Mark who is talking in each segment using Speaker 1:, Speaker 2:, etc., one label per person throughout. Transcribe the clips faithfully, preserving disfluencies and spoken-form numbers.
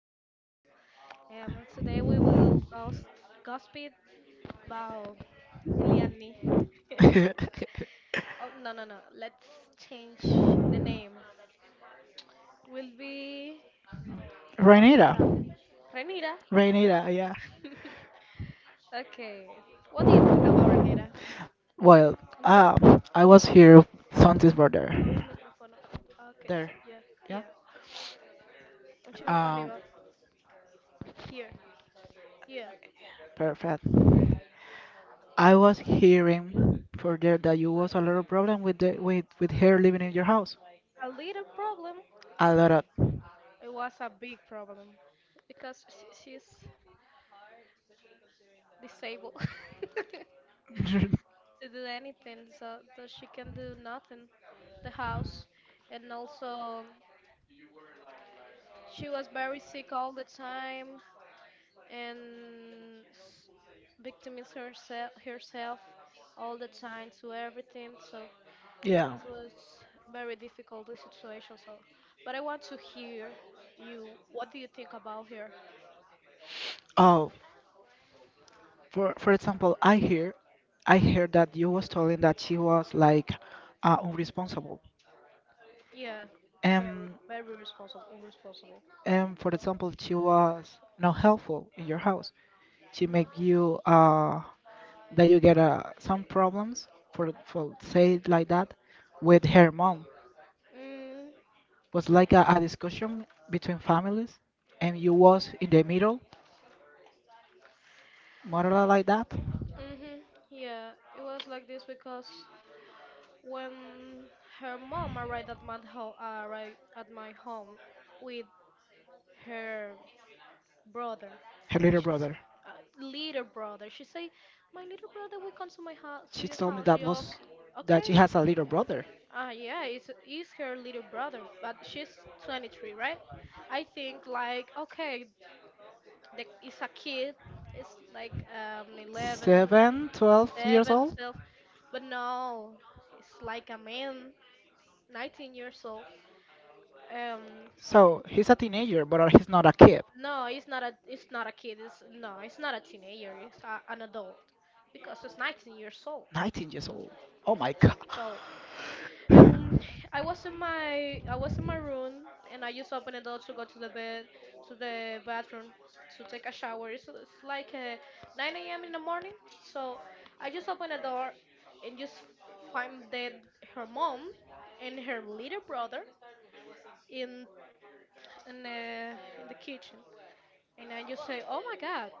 Speaker 1: am Daniel. Um, today we will gos- gossip about Eliani. Oh, no, no, no. Let's change the name. Will be
Speaker 2: Rainita.
Speaker 1: Juanita. Renira.
Speaker 2: Rainita, yeah.
Speaker 1: Okay. What do you think about Renira?
Speaker 2: Well,
Speaker 1: Ponte,
Speaker 2: um, I
Speaker 1: ponte
Speaker 2: was
Speaker 1: el mic-
Speaker 2: here, Santi's brother.
Speaker 1: mueve el micrófono. Ah, okay,
Speaker 2: There.
Speaker 1: so yeah,
Speaker 2: Yeah.
Speaker 1: yeah. Un chima para
Speaker 2: Um,
Speaker 1: arriba. Here. Yeah.
Speaker 2: perfect. I was hearing for there that you was a lot of problem with the with with her living in your house.
Speaker 1: A little problem.
Speaker 2: A lot of.
Speaker 1: It was a big problem because sh she's disabled to do anything, so, so she can do nothing, the house, and also she was very sick all the time and s- victimized herself herself all the time to everything. So
Speaker 2: Yeah.
Speaker 1: it was very difficult the situation. So, but I want to hear you. What do you think about her?
Speaker 2: Oh, For for example, I hear I heard that you was telling that she was like uh, unresponsible.
Speaker 1: Yeah, very
Speaker 2: Um,
Speaker 1: very responsible, irresponsible.
Speaker 2: um, for example, she was not helpful in your house. She
Speaker 1: No.
Speaker 2: make you uh that you get uh, some problems for for say it like that with her mom.
Speaker 1: Mm.
Speaker 2: Was like a, a discussion between families, and you was in the middle, more or less like that.
Speaker 1: Mm-hmm. Yeah, it was like this because when her mom arrived at my home, arrived at my home with her brother,
Speaker 2: Her little
Speaker 1: she's,
Speaker 2: brother.
Speaker 1: uh, little brother, she say, "My little brother will come to my house, to
Speaker 2: She
Speaker 1: your
Speaker 2: told me
Speaker 1: house."
Speaker 2: that
Speaker 1: You
Speaker 2: was
Speaker 1: okay?
Speaker 2: that she
Speaker 1: Okay.
Speaker 2: has a little brother.
Speaker 1: Ah, yeah, it's it's her little brother, but she's twenty-three, right? I think like okay, the, it's a kid. It's like um eleven,
Speaker 2: Seven, twelve years
Speaker 1: seven.
Speaker 2: old.
Speaker 1: But no, it's like a man, nineteen years old. Um,
Speaker 2: So he's a teenager, but he's not a kid.
Speaker 1: no, it's not a it's not a kid. It's no, it's not a teenager. It's a, an adult because it's nineteen years old.
Speaker 2: nineteen years old. Oh
Speaker 1: So,
Speaker 2: my
Speaker 1: so
Speaker 2: god.
Speaker 1: so- and I was in my I was in my room and I just opened the door to go to the bed to the bathroom to take a shower. It's, it's like uh, nine a m in the morning. So I just opened the door and just find that her mom and her little brother in in the in the kitchen, and I just say, "Oh my God,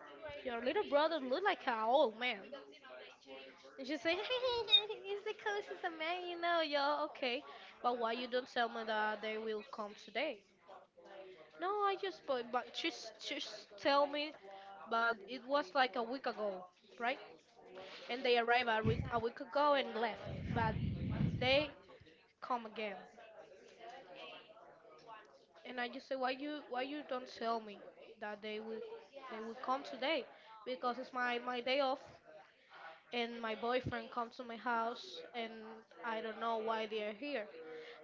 Speaker 1: your little brother look like an old man." And she say, "It's because he's a man, you know, yo. Okay, but why you don't tell me that they will come today?" No, I just but but just she's tell me, but it was like a week ago, right? And they arrived a week a week ago and left, but they come again. And I just say, why you why you don't tell me that they will they will come today? Because it's my my day off and my boyfriend comes to my house and I don't know why they are here.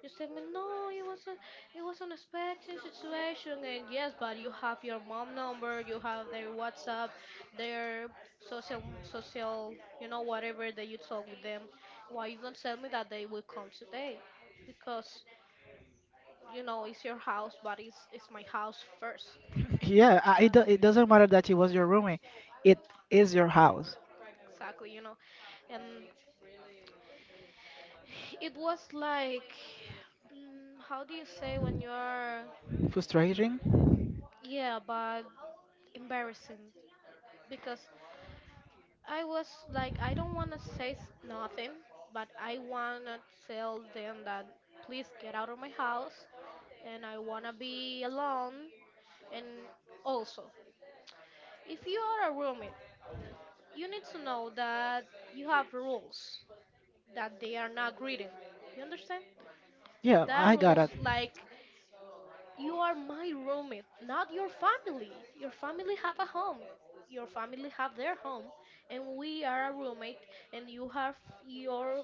Speaker 1: You tell me no, it was a it was an unexpected situation and yes, but you have your mom number, you have their WhatsApp, their social social, you know, whatever that you talk with them. Why you don't tell me that they will come today? Because, you know, it's your house but it's it's my house first.
Speaker 2: Yeah, uh, it,
Speaker 1: Yeah,
Speaker 2: do- it doesn't matter that it was your roommate. It is your house.
Speaker 1: exactly, you know. And it was like, mm, how do you say when you are,
Speaker 2: Frustrating?
Speaker 1: yeah, but embarrassing because I was like, I don't want to say s- nothing, but I want to tell them that please get out of my house and I want to be alone. And also, if you are a roommate, you need to know that you have rules that they are not greeting. You understand?
Speaker 2: Yeah,
Speaker 1: That
Speaker 2: I got
Speaker 1: rules
Speaker 2: it.
Speaker 1: like, you are my roommate, not your family. Your family have a home. Your family have their home, and we are a roommate. And you have your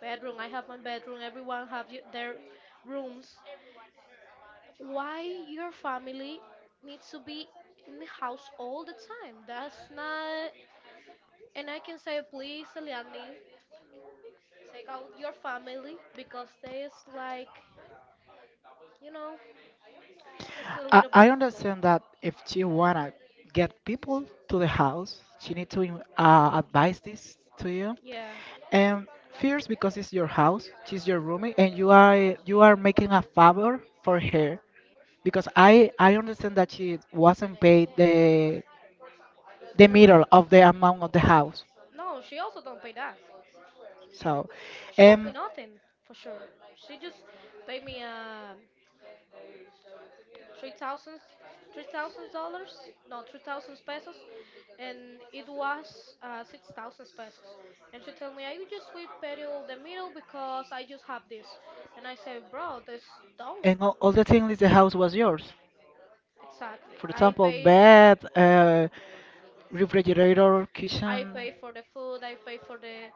Speaker 1: bedroom. I have my bedroom. Everyone have y- their rooms. Why your family needs to be in the house all the time? That's not. And I can say, please, Eliani, take out your family because they is like, you know, it's a
Speaker 2: I,
Speaker 1: little bit
Speaker 2: I
Speaker 1: difficult.
Speaker 2: understand that if she wanna get people to the house, she need to in- uh, advise this to you.
Speaker 1: Yeah,
Speaker 2: And first, because it's your house, she's your roommate, and you are you are making a favor for her. Because I I understand that she wasn't paid the the
Speaker 1: the rent.
Speaker 2: middle of the amount of the house.
Speaker 1: No, she also don't pay that.
Speaker 2: So,
Speaker 1: She don't pay nothing for sure. She just paid me um three thousand three thousand dollars, no three thousand pesos, and it was uh, six thousand pesos. And she told me
Speaker 2: um,
Speaker 1: I will just will pay you the middle because I just have this. And I said, bro, this don't
Speaker 2: And all, all the things in the house was yours.
Speaker 1: exactly.
Speaker 2: For
Speaker 1: I
Speaker 2: example,
Speaker 1: pay
Speaker 2: bed, uh, refrigerator,
Speaker 1: I
Speaker 2: kitchen.
Speaker 1: pay for the food, I pay for the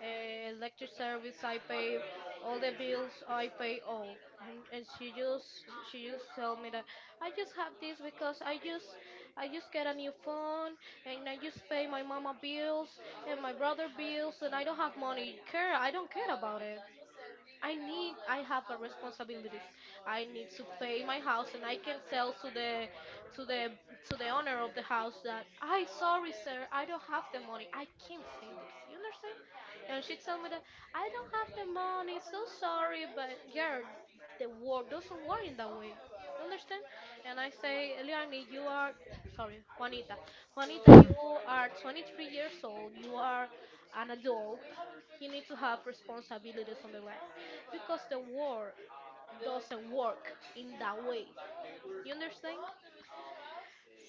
Speaker 1: uh, electric service, I pay all the bills, I pay all. And, and she just she just tell me that I just have this because I just I just get a new phone and I just pay my mama bills and my brother bills and I don't have money. Care, I don't care about it. I need I have a responsibilities. I need to pay my house and I can tell to the to the to the owner of the house that I sorry sir, I don't have the money. I can't say this. You understand? And she told me that I don't have the money, so sorry, but girl, the world doesn't work in that way. You understand? And I say, Eliani, you are sorry, Juanita. Juanita, you are twenty-three years old. You are an adult. You need to have responsibilities on the life because the war doesn't work in that way. You understand?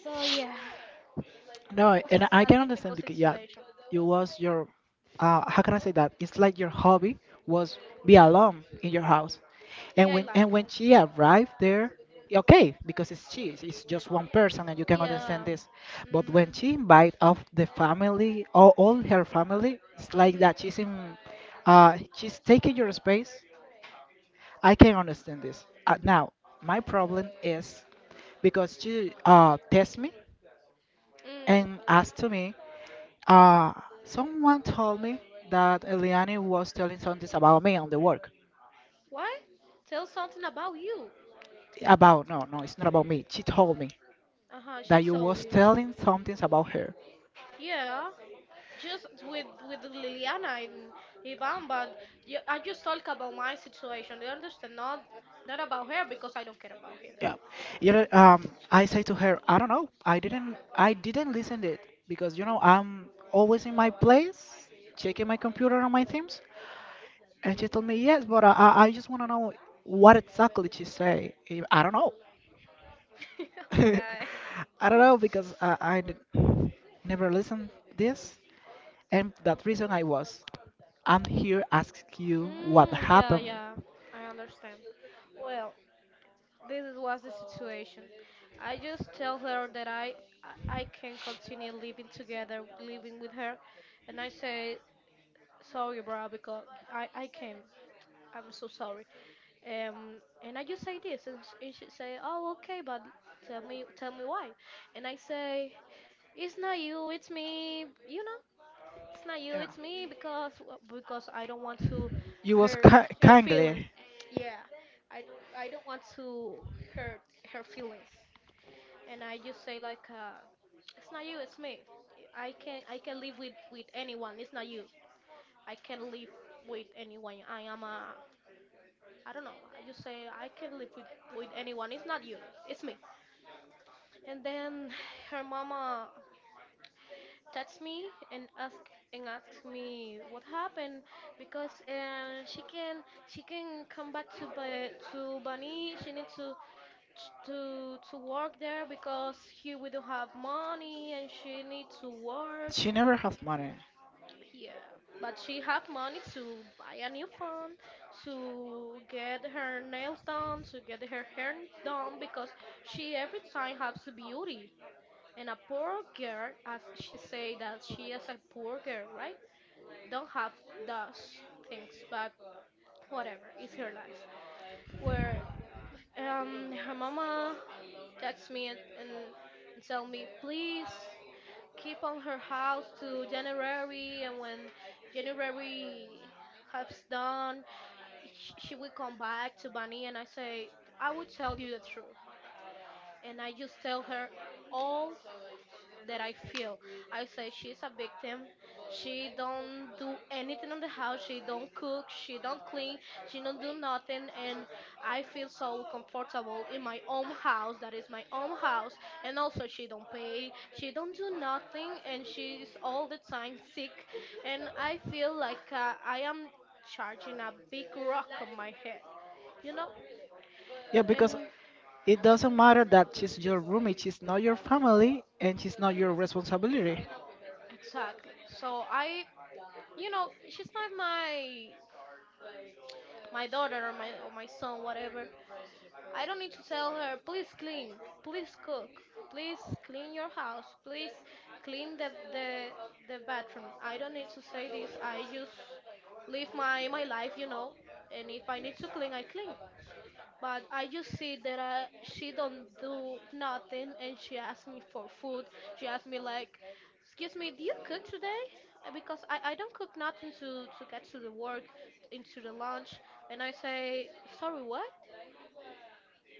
Speaker 1: So yeah,
Speaker 2: No,
Speaker 1: was
Speaker 2: and I
Speaker 1: a
Speaker 2: can understand
Speaker 1: difficult
Speaker 2: because yeah,
Speaker 1: situation.
Speaker 2: it was your uh how can I say that? It's like your hobby was be alone in your house. And
Speaker 1: Yeah, I
Speaker 2: when and
Speaker 1: like
Speaker 2: when she arrived there, yeah, okay, because it's she, it's just one person and you can understand
Speaker 1: yeah.
Speaker 2: this. But when
Speaker 1: Mm,
Speaker 2: she invite of the family, all, all her family, it's like
Speaker 1: mm-hmm,
Speaker 2: that she's in uh she's taking your space. I can understand this. Uh, now, my problem is because she uh test me and
Speaker 1: mm.
Speaker 2: asked to me. Uh, Someone told me that Eliane was telling something about me on the work.
Speaker 1: What? Tell something about you.
Speaker 2: About, no, no, it's not about me. She told me
Speaker 1: Uh huh. She
Speaker 2: that you
Speaker 1: told
Speaker 2: was
Speaker 1: you.
Speaker 2: telling something about her.
Speaker 1: Yeah, just with with Liliana and Ivan, but ju- I just talk about my situation. You understand? Not not about her because I don't care about her.
Speaker 2: Yeah. You know, um, I say to her, I don't know. I didn't, I didn't listen to it because, you know, I'm always in my place, checking my computer on my things. And she told me, yes, but I, I I just want to know what exactly she say. I I don't know.
Speaker 1: Oh my god.
Speaker 2: I don't know because I, I n- never listened this, and that reason I was. I'm here asking you what
Speaker 1: Mm, yeah,
Speaker 2: happened.
Speaker 1: yeah. I understand. Well, this was the situation. I just tell her that I I I can continue living together, living with her, and I say sorry, bro, because I I can. I'm so sorry. Um, and I just say this, and, sh- and she say, oh, okay, but tell me tell me why. And I say, it's not you, it's me. You know, it's not you,
Speaker 2: Yeah.
Speaker 1: it's me because because I don't want to
Speaker 2: You was
Speaker 1: hurt
Speaker 2: ki-
Speaker 1: her feelings.
Speaker 2: kindly.
Speaker 1: Yeah, I don't I don't want to hurt her feelings and I just say like, uh, "It's not you, it's me. I can I can live with with anyone. It's not you. I can live with anyone. I am a I don't know. I just say I can live with with anyone. It's not you, it's me." And then her mama texts me and ask and asks me what happened because uh, she can she can come back to Ba- to Bani. She needs to t- to to work there because here we don't have money and she needs to work,
Speaker 2: She never has money.
Speaker 1: yeah, but she have money to buy a new phone, to get her nails done, to get her hair done because she every time has beauty and a poor girl, as she say that she is a poor girl, right, don't have those things, but whatever, it's her life. Where um her mama text me and, and, and tell me, please keep on her house to January. And when January has done, sh- she will come back to Bunny. And I say, I will tell you the truth. And I just tell her all that I feel. I say she's a victim. She don't do anything in the house. She don't cook. She don't clean. She don't do nothing. And I feel so comfortable in my own house. That is my own house. And also she don't pay. She don't do nothing. And she is all the time sick. And I feel like uh, I am charging a big rock on my head. You know.
Speaker 2: Yeah, because
Speaker 1: And
Speaker 2: it doesn't matter that she's your roommate, she's not your family, and she's not your responsibility.
Speaker 1: exactly. So I. You know, she's not my my daughter or my or my son, whatever. I don't need to tell her, please clean, please cook, please clean your house, please clean the the the bathroom. I don't need to say this. I just live my my life, you know. And if I need to clean, I clean. But I just see that I, she don't do nothing, and she asked me for food. She asked me like, "Excuse me, do you cook today?" Uh, because I, I don't cook nothing to to get to the work, into the lunch, and I say, "Sorry, what?"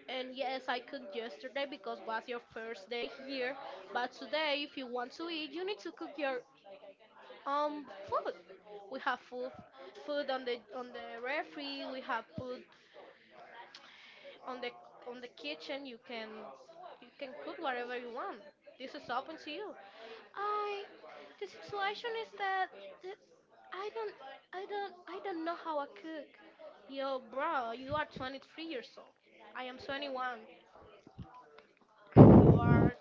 Speaker 1: And yes, I cooked yesterday because was your first day here. But today, if you want to eat, you need to cook your um food. We have food, food on the on the refree. We have food on the on the kitchen. You can you can cook whatever you want. This is open to you. I the situation is that, that I don't I don't I don't know how I cook. Yo, bro, you are twenty-three years old. I am twenty-one. You are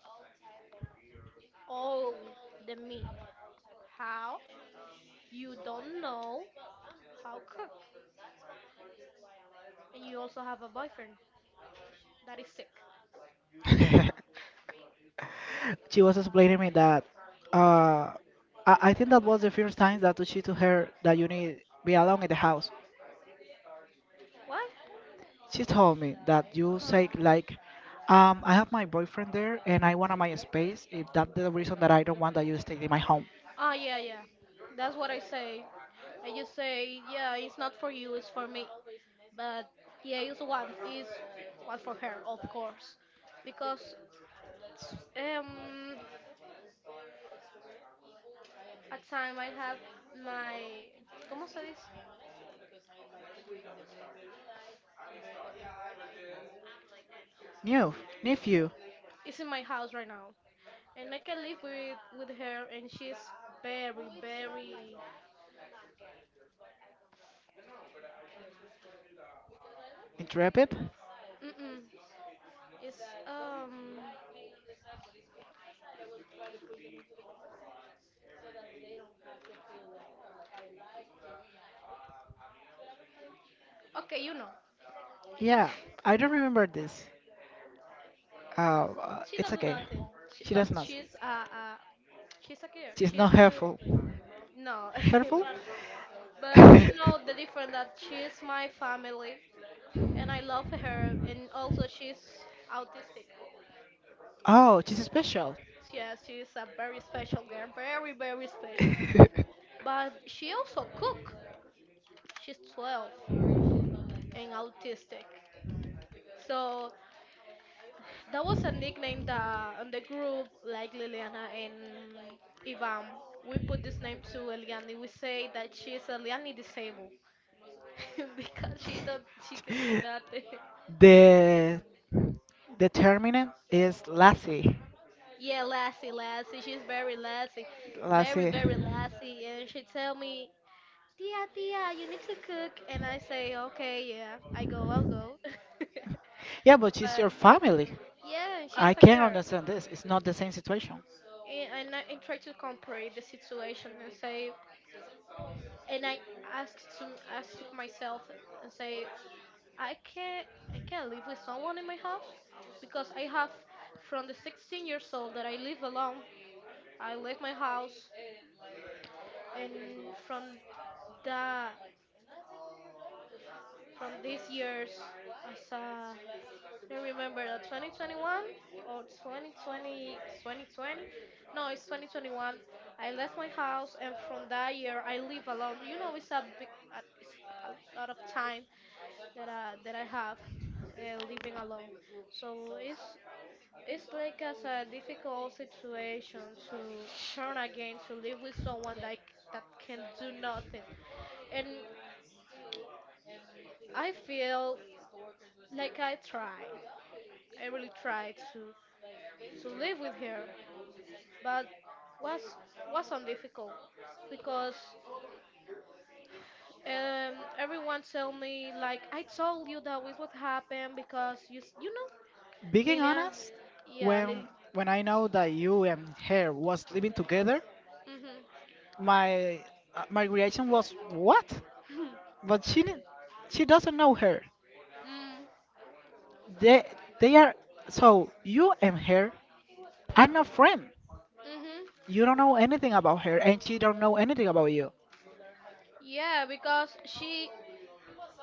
Speaker 1: old than me. How? You don't know how cook, and you also have a boyfriend that is sick.
Speaker 2: She was explaining me that uh, I, I think that was the first time that she told her that you need be alone in the house.
Speaker 1: What?
Speaker 2: She told me that
Speaker 1: Uh
Speaker 2: you
Speaker 1: huh.
Speaker 2: say like, um, I have my boyfriend there and I want my space. If that's the reason that I don't want that you stay in my home.
Speaker 1: Ah, yeah, yeah. That's what I say. I just say, yeah, it's not for you, it's for me. But yeah, it's what is what for her, of course, because um at time I have my ¿cómo se dice?
Speaker 2: New, nephew,
Speaker 1: It's in my house right now, and I can live with with her, and she's very very
Speaker 2: intrepid.
Speaker 1: mm-mm. It's um okay, you know,
Speaker 2: Yeah, I don't remember this. Uh, uh,
Speaker 1: she
Speaker 2: it's
Speaker 1: don't do
Speaker 2: okay.
Speaker 1: nothing, she,
Speaker 2: She
Speaker 1: but
Speaker 2: does not.
Speaker 1: she's a, a she's a girl.
Speaker 2: She's
Speaker 1: She's
Speaker 2: not
Speaker 1: you
Speaker 2: helpful.
Speaker 1: no,
Speaker 2: Helpful?
Speaker 1: but But you know the difference that she's my family, and I love her, and also she's autistic.
Speaker 2: Oh, she's special.
Speaker 1: Yeah, she's a very special girl, very very special. But she also cook. She's twelve and autistic. So that was a nickname that on the group like Liliana and Ivan. We put this name to Eliani. We say that she's Eliani disabled because she don't she can do nothing.
Speaker 2: The determinant is Lassie.
Speaker 1: Yeah, Lassie, Lassie. She's very Lassie. Very,
Speaker 2: Lassie.
Speaker 1: very Lassie. And she tell me, Tia, Tia, you need to cook. And I say, okay, yeah, I go, I'll go.
Speaker 2: Yeah, but she's
Speaker 1: But
Speaker 2: your family.
Speaker 1: yeah, and she's
Speaker 2: I
Speaker 1: a
Speaker 2: can't
Speaker 1: girl.
Speaker 2: understand this. It's not the same situation.
Speaker 1: And, and I and try to compare the situation and say, and I ask to ask to myself and, and say, I can't, I can't live with someone in my house because I have from the sixteen years old that I live alone. I leave my house and from the from this year's, as I don't remember that twenty twenty-one or twenty twenty twenty twenty, no it's twenty twenty-one. I left my house, and from that year I live alone. You know, it's a big uh, it's a lot of time that I that I have uh, living alone. So it's it's like as a difficult situation to turn again to live with someone that that can do nothing. And I feel like I tried. I really tried to to live with her, but was wasn't difficult because um, everyone tell me like I told you that was what happened because you s- you know
Speaker 2: Being
Speaker 1: Lilia.
Speaker 2: honest,
Speaker 1: Yeah, Lil,
Speaker 2: when when I know that you and her was living together,
Speaker 1: mhm,
Speaker 2: my uh, my reaction was what? But she didn't- she doesn't know her.
Speaker 1: mm,
Speaker 2: They they are so you and her are not friends.
Speaker 1: mhm,
Speaker 2: You don't know anything about her, and she don't know anything about you.
Speaker 1: yeah because she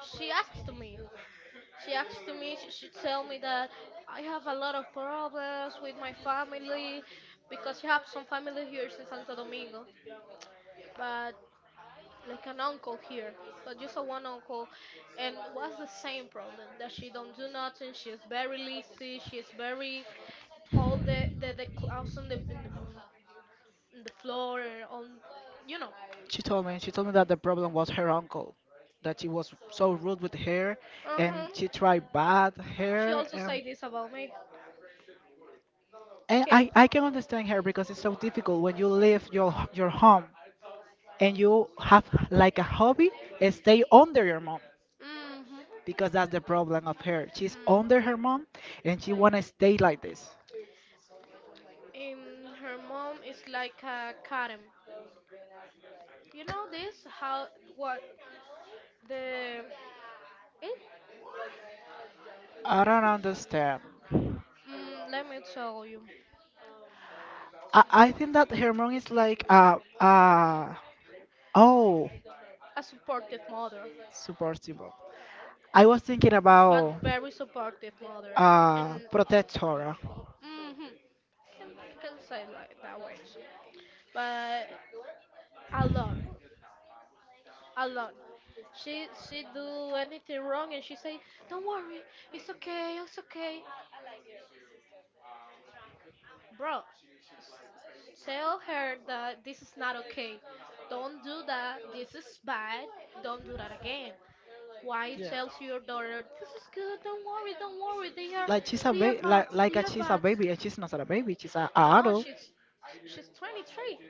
Speaker 1: she asked me. She asked to me. She, she tell me that I have a lot of problems with my family because she have some family here in Santo Domingo, but like an uncle here, but just a one uncle, and was the same problem that she don't do nothing. She is very lazy. She is very all the the, the clothes on the in the in the floor and on, you know.
Speaker 2: She told me. She told me that the problem was her uncle, that he was so rude with her,
Speaker 1: Uh huh.
Speaker 2: and she tried bad
Speaker 1: She
Speaker 2: her.
Speaker 1: also
Speaker 2: And,
Speaker 1: say this about me.
Speaker 2: and
Speaker 1: Okay.
Speaker 2: I, I can understand her because it's so difficult when you leave your your home and you have like a hobby and stay under your mom
Speaker 1: Mm-hmm.
Speaker 2: because that's the problem of her. She's under
Speaker 1: Mm.
Speaker 2: her mom and she wanna stay like this.
Speaker 1: And her mom is like a Karen. You know this how what the eh?
Speaker 2: I don't understand.
Speaker 1: Mm, let me tell you
Speaker 2: I, I think that her mom is like a a. Oh,
Speaker 1: a supportive mother,
Speaker 2: supportable. I was thinking
Speaker 1: but
Speaker 2: about
Speaker 1: very supportive mother,
Speaker 2: uh,
Speaker 1: and
Speaker 2: protectora.
Speaker 1: mm-hmm, can can say like that way too, but a lot, a lot. She she do anything wrong and she say, don't worry, it's okay, it's okay, bro. S- Tell her that this is not okay. Don't do that. This is bad. Don't do that again. Why
Speaker 2: Yeah.
Speaker 1: tells your daughter this is good? Don't worry, don't worry. They are,
Speaker 2: Like she's a
Speaker 1: they are
Speaker 2: baby, like,
Speaker 1: bots.
Speaker 2: like
Speaker 1: They
Speaker 2: a,
Speaker 1: are
Speaker 2: she's a
Speaker 1: bots.
Speaker 2: baby, and she's not a baby. She's a, a
Speaker 1: No,
Speaker 2: adult.
Speaker 1: she's, she's twenty-three.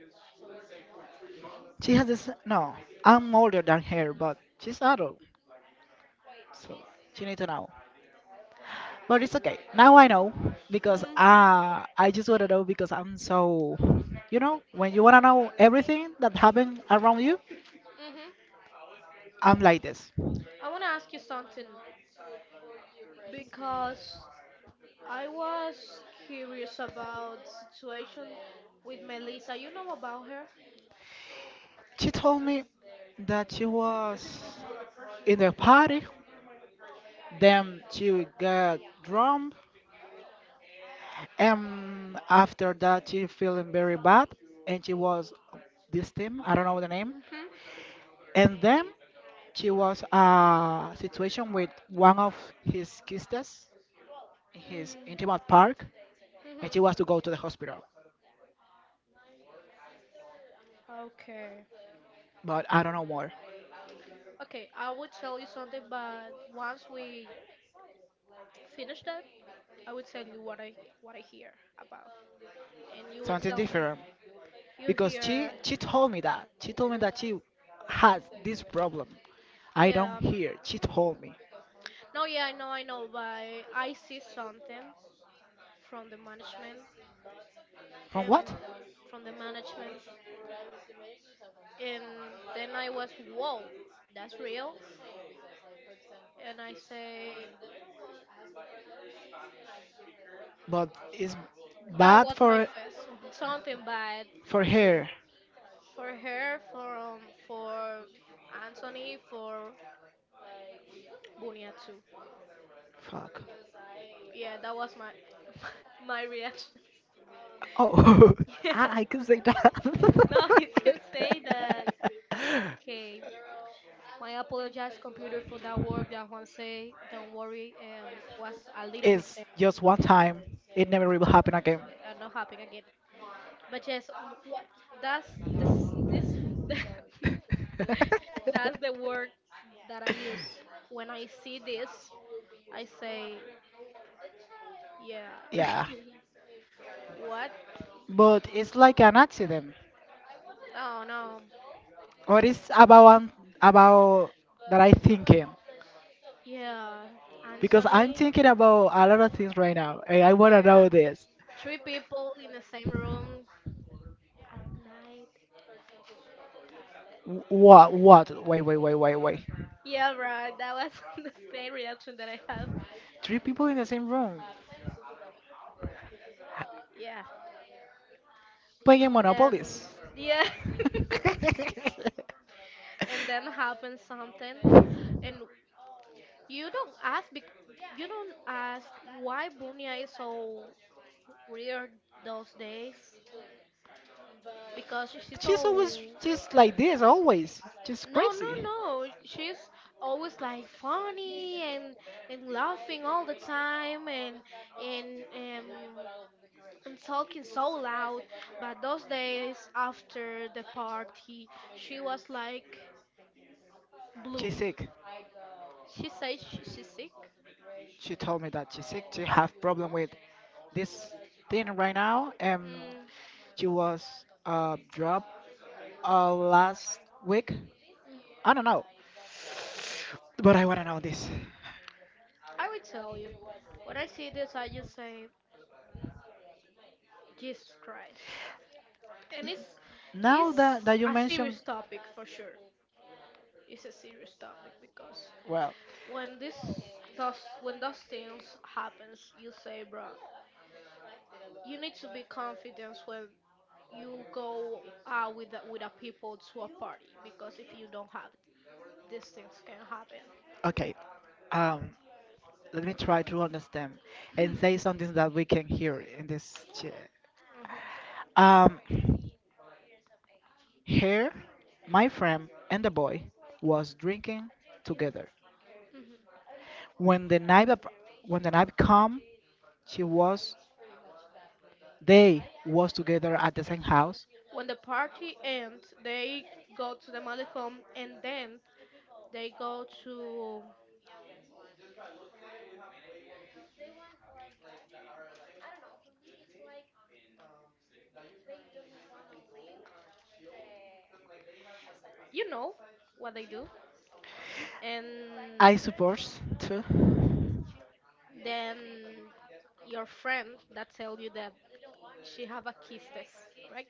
Speaker 2: She has this. No, I'm older than her, but she's adult, so she needs to know. But it's okay. Now I know because
Speaker 1: Mm,
Speaker 2: uh, I just want to know because I'm so, you know, when you want to know everything that happened around you,
Speaker 1: hmm.
Speaker 2: I'm like this.
Speaker 1: I want to ask you something because I was curious about the situation with Melissa. You know about her?
Speaker 2: She told me that she was in the party, then she got drunk, and after that she feeling very bad, and she was this team, I don't know the name,
Speaker 1: Mm-hmm.
Speaker 2: and then she was a situation with one of his sisters, his
Speaker 1: Mm,
Speaker 2: intimate park, and she wants
Speaker 1: hmm.
Speaker 2: to go to the hospital.
Speaker 1: Okay.
Speaker 2: But I don't know more.
Speaker 1: Okay, I will tell you something, but once we finish that, I will tell you what I what I hear about, and you will
Speaker 2: Something
Speaker 1: tell me.
Speaker 2: different.
Speaker 1: You
Speaker 2: Because she
Speaker 1: hear,
Speaker 2: she told me that. She told me that she has this problem. I don't
Speaker 1: yeah.
Speaker 2: hear. She told me.
Speaker 1: No, yeah, I know, I know, but I see something from the management
Speaker 2: From
Speaker 1: and
Speaker 2: what?
Speaker 1: from the management, and then I was, whoa, that's real. And I say,
Speaker 2: But it's
Speaker 1: that
Speaker 2: bad
Speaker 1: was my
Speaker 2: for
Speaker 1: first, something bad
Speaker 2: for
Speaker 1: for sure.
Speaker 2: her.
Speaker 1: For her, for um, for Anthony, for Bunia too.
Speaker 2: Fuck.
Speaker 1: Yeah, that was my my reaction.
Speaker 2: Oh,
Speaker 1: Yeah.
Speaker 2: I, I could say
Speaker 1: Now you can
Speaker 2: that.
Speaker 1: say that. Okay. My apologize, computer, for that work that Juan say. Don't worry, um, was a little
Speaker 2: It's
Speaker 1: mistake.
Speaker 2: just one time. It never will happen again.
Speaker 1: Uh, not happen again. But yes, w- what that's this this that's the word that I use when I see this. I say, yeah.
Speaker 2: Yeah,
Speaker 1: What?
Speaker 2: but it's like an accident.
Speaker 1: Oh no.
Speaker 2: What is about um, about that I thinking?
Speaker 1: Yeah,
Speaker 2: Because I'm
Speaker 1: Anthony.
Speaker 2: thinking about a lot of things right now, and I
Speaker 1: Y-
Speaker 2: wanna know this.
Speaker 1: Three people in the same room at night.
Speaker 2: Wh- What? What? Wait, wait, wait, wait, wait.
Speaker 1: Yeah, right. That was the same reaction that I had.
Speaker 2: Three people in the same room
Speaker 1: Yeah, and
Speaker 2: playing
Speaker 1: then
Speaker 2: Monopolies.
Speaker 1: yeah and then happens something and you don't ask bec- you don't ask why Bunya is so weird those days because she's
Speaker 2: She's always
Speaker 1: so
Speaker 2: just like this, always. Just
Speaker 1: no no
Speaker 2: crazy.
Speaker 1: no she's always like funny and and laughing all the time and and um and talking so loud but those days after the party she was like blue
Speaker 2: She's sick.
Speaker 1: she says she, she's sick.
Speaker 2: She told me that she's sick. She have problem with this thing right now. And
Speaker 1: Mm,
Speaker 2: she was uh, dropped uh, last week.
Speaker 1: mm,
Speaker 2: I don't know. But I want to know this.
Speaker 1: I will tell you. When I see this, I just say Jesus Christ, and it's
Speaker 2: Now
Speaker 1: it's
Speaker 2: that, that you
Speaker 1: a serious
Speaker 2: mentioned,
Speaker 1: topic for sure. It's a serious topic because
Speaker 2: well,
Speaker 1: when this does when those things happens, you say, bro, you need to be confident when you go out with the, with a people to a party because if you don't have it, these things can happen.
Speaker 2: okay. Um, let me try to understand and say something that we can hear in this chair.
Speaker 1: Mhm,
Speaker 2: Um, Here, my friend and the boy was drinking together.
Speaker 1: mhm.
Speaker 2: When the night ap- when the night come, she was they was together at the same house.
Speaker 1: When the party ends, they go to the malecom and then they go to, you know, what they do,
Speaker 2: I
Speaker 1: and
Speaker 2: suppose too.
Speaker 1: then your friend that tell you that she have a kiss test, right?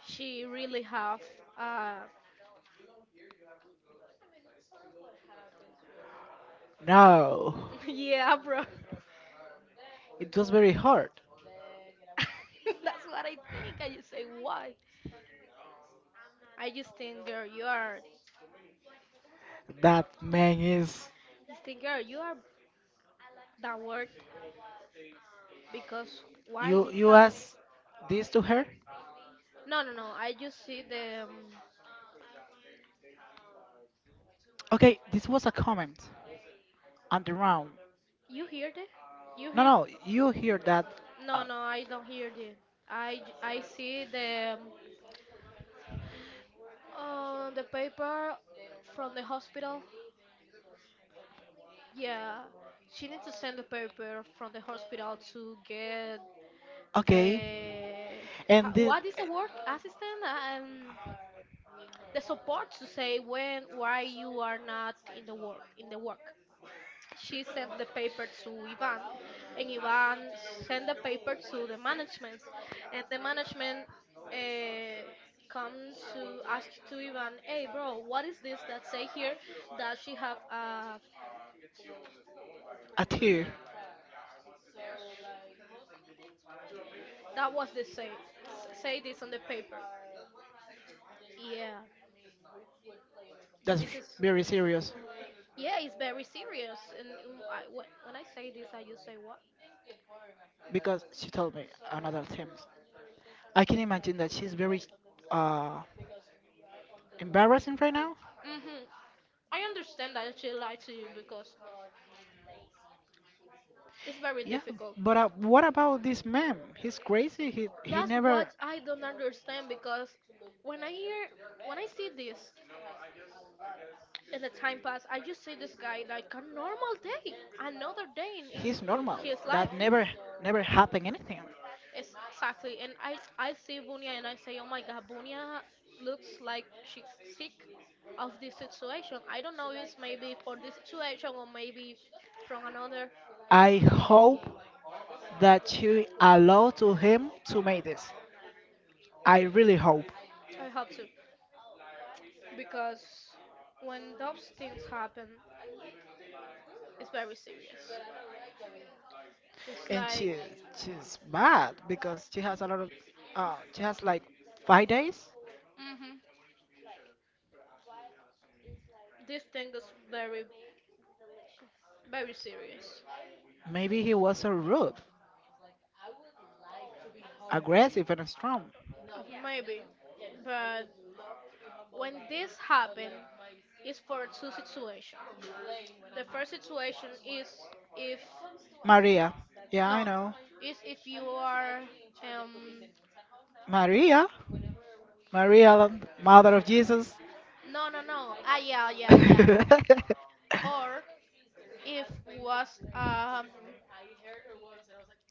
Speaker 1: She really have. Uh,
Speaker 2: No,
Speaker 1: yeah, bro.
Speaker 2: it was very hard.
Speaker 1: That's what I think. I just say what? I just think, girl, you are.
Speaker 2: That man is.
Speaker 1: I think, girl, you are that word because why
Speaker 2: You
Speaker 1: this
Speaker 2: you
Speaker 1: happened?
Speaker 2: ask this to her?
Speaker 1: No, no, no. I just see the. Um,
Speaker 2: Okay, this was a comment on the round.
Speaker 1: you hear the? You
Speaker 2: No,
Speaker 1: hear
Speaker 2: no, you hear that.
Speaker 1: no,
Speaker 2: Uh,
Speaker 1: no, I don't hear you. I, j- I see the um, uh, the paper from the hospital. Yeah, she needs to send the paper from the hospital to get
Speaker 2: okay.
Speaker 1: the ha-
Speaker 2: And this,
Speaker 1: what is the work assistant um the support to say when why you are not in the work in the work. She sent the paper to Ivan, and Ivan sent the paper to the management, and the management uh, come to ask to Ivan, "Hey, bro, what is this that say here that she have uh,
Speaker 2: a tear
Speaker 1: that was the say s- say this on the paper?" Yeah, and
Speaker 2: that's
Speaker 1: this is
Speaker 2: very serious
Speaker 1: yeah, it's very serious. And um, I, when when I say this, I just say what?
Speaker 2: because she told me another things. I can imagine that she's very uh, embarrassing right now.
Speaker 1: Hmm. I understand that she lied to you because it's very
Speaker 2: Yeah,
Speaker 1: difficult.
Speaker 2: but uh, what about this man? He's crazy. He he
Speaker 1: That's what
Speaker 2: never.
Speaker 1: I don't understand because when I hear when I see this in the time pass, I just see this guy like a normal day, another day in, in
Speaker 2: He's normal.
Speaker 1: his life.
Speaker 2: That never never happened anything.
Speaker 1: It's exactly. And I I see Bunya and I say, oh my God, Bunya looks like she's sick of this situation. I don't know. It's maybe for this situation or maybe from another.
Speaker 2: I hope that you allow to him to make this. I really hope.
Speaker 1: I hope so because when those things happen, it's very serious. It's
Speaker 2: And
Speaker 1: like.
Speaker 2: she she's bad because she has a lot of uh she has like five days.
Speaker 1: Mhm. This thing is very very serious.
Speaker 2: Maybe he was so rude, aggressive, and strong.
Speaker 1: Uh, maybe but when this happen is for two situations. The first situation is if
Speaker 2: Maria. Yeah, I
Speaker 1: no
Speaker 2: know.
Speaker 1: is if you are um
Speaker 2: Maria? Maria, the mother of Jesus.
Speaker 1: no no no ah yeah yeah yeah or if was um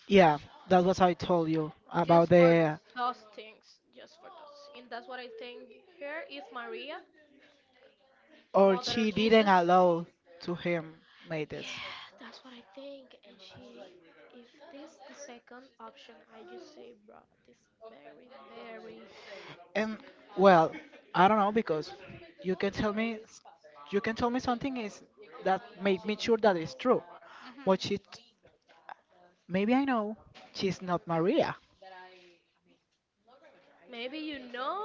Speaker 2: Yeah, that's what I told you about
Speaker 1: just for
Speaker 2: the.
Speaker 1: those things just for those and that's what I think here is Maria
Speaker 2: Or
Speaker 1: mother of
Speaker 2: she didn't
Speaker 1: Jesus.
Speaker 2: allow to him made this.
Speaker 1: Yeah, that's what I think. And she, if this the second option, I just say, bro, this very, very.
Speaker 2: And well, I don't know because you can tell me you can tell me something is that make me sure that it's true.
Speaker 1: Hmm.
Speaker 2: But she maybe I know she's not Maria.
Speaker 1: Maybe you know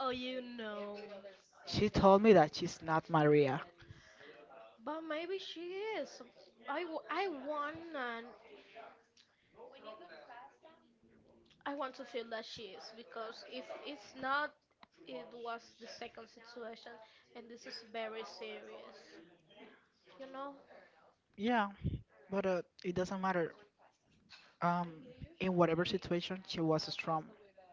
Speaker 1: or you know,
Speaker 2: She told me that she's not Maria.
Speaker 1: but maybe she is. I, w- I want and I want to feel that she is because if it's not, it was the second situation, and this is very serious. You know?
Speaker 2: Yeah, but uh, it doesn't matter. Um, in whatever situation, she was strong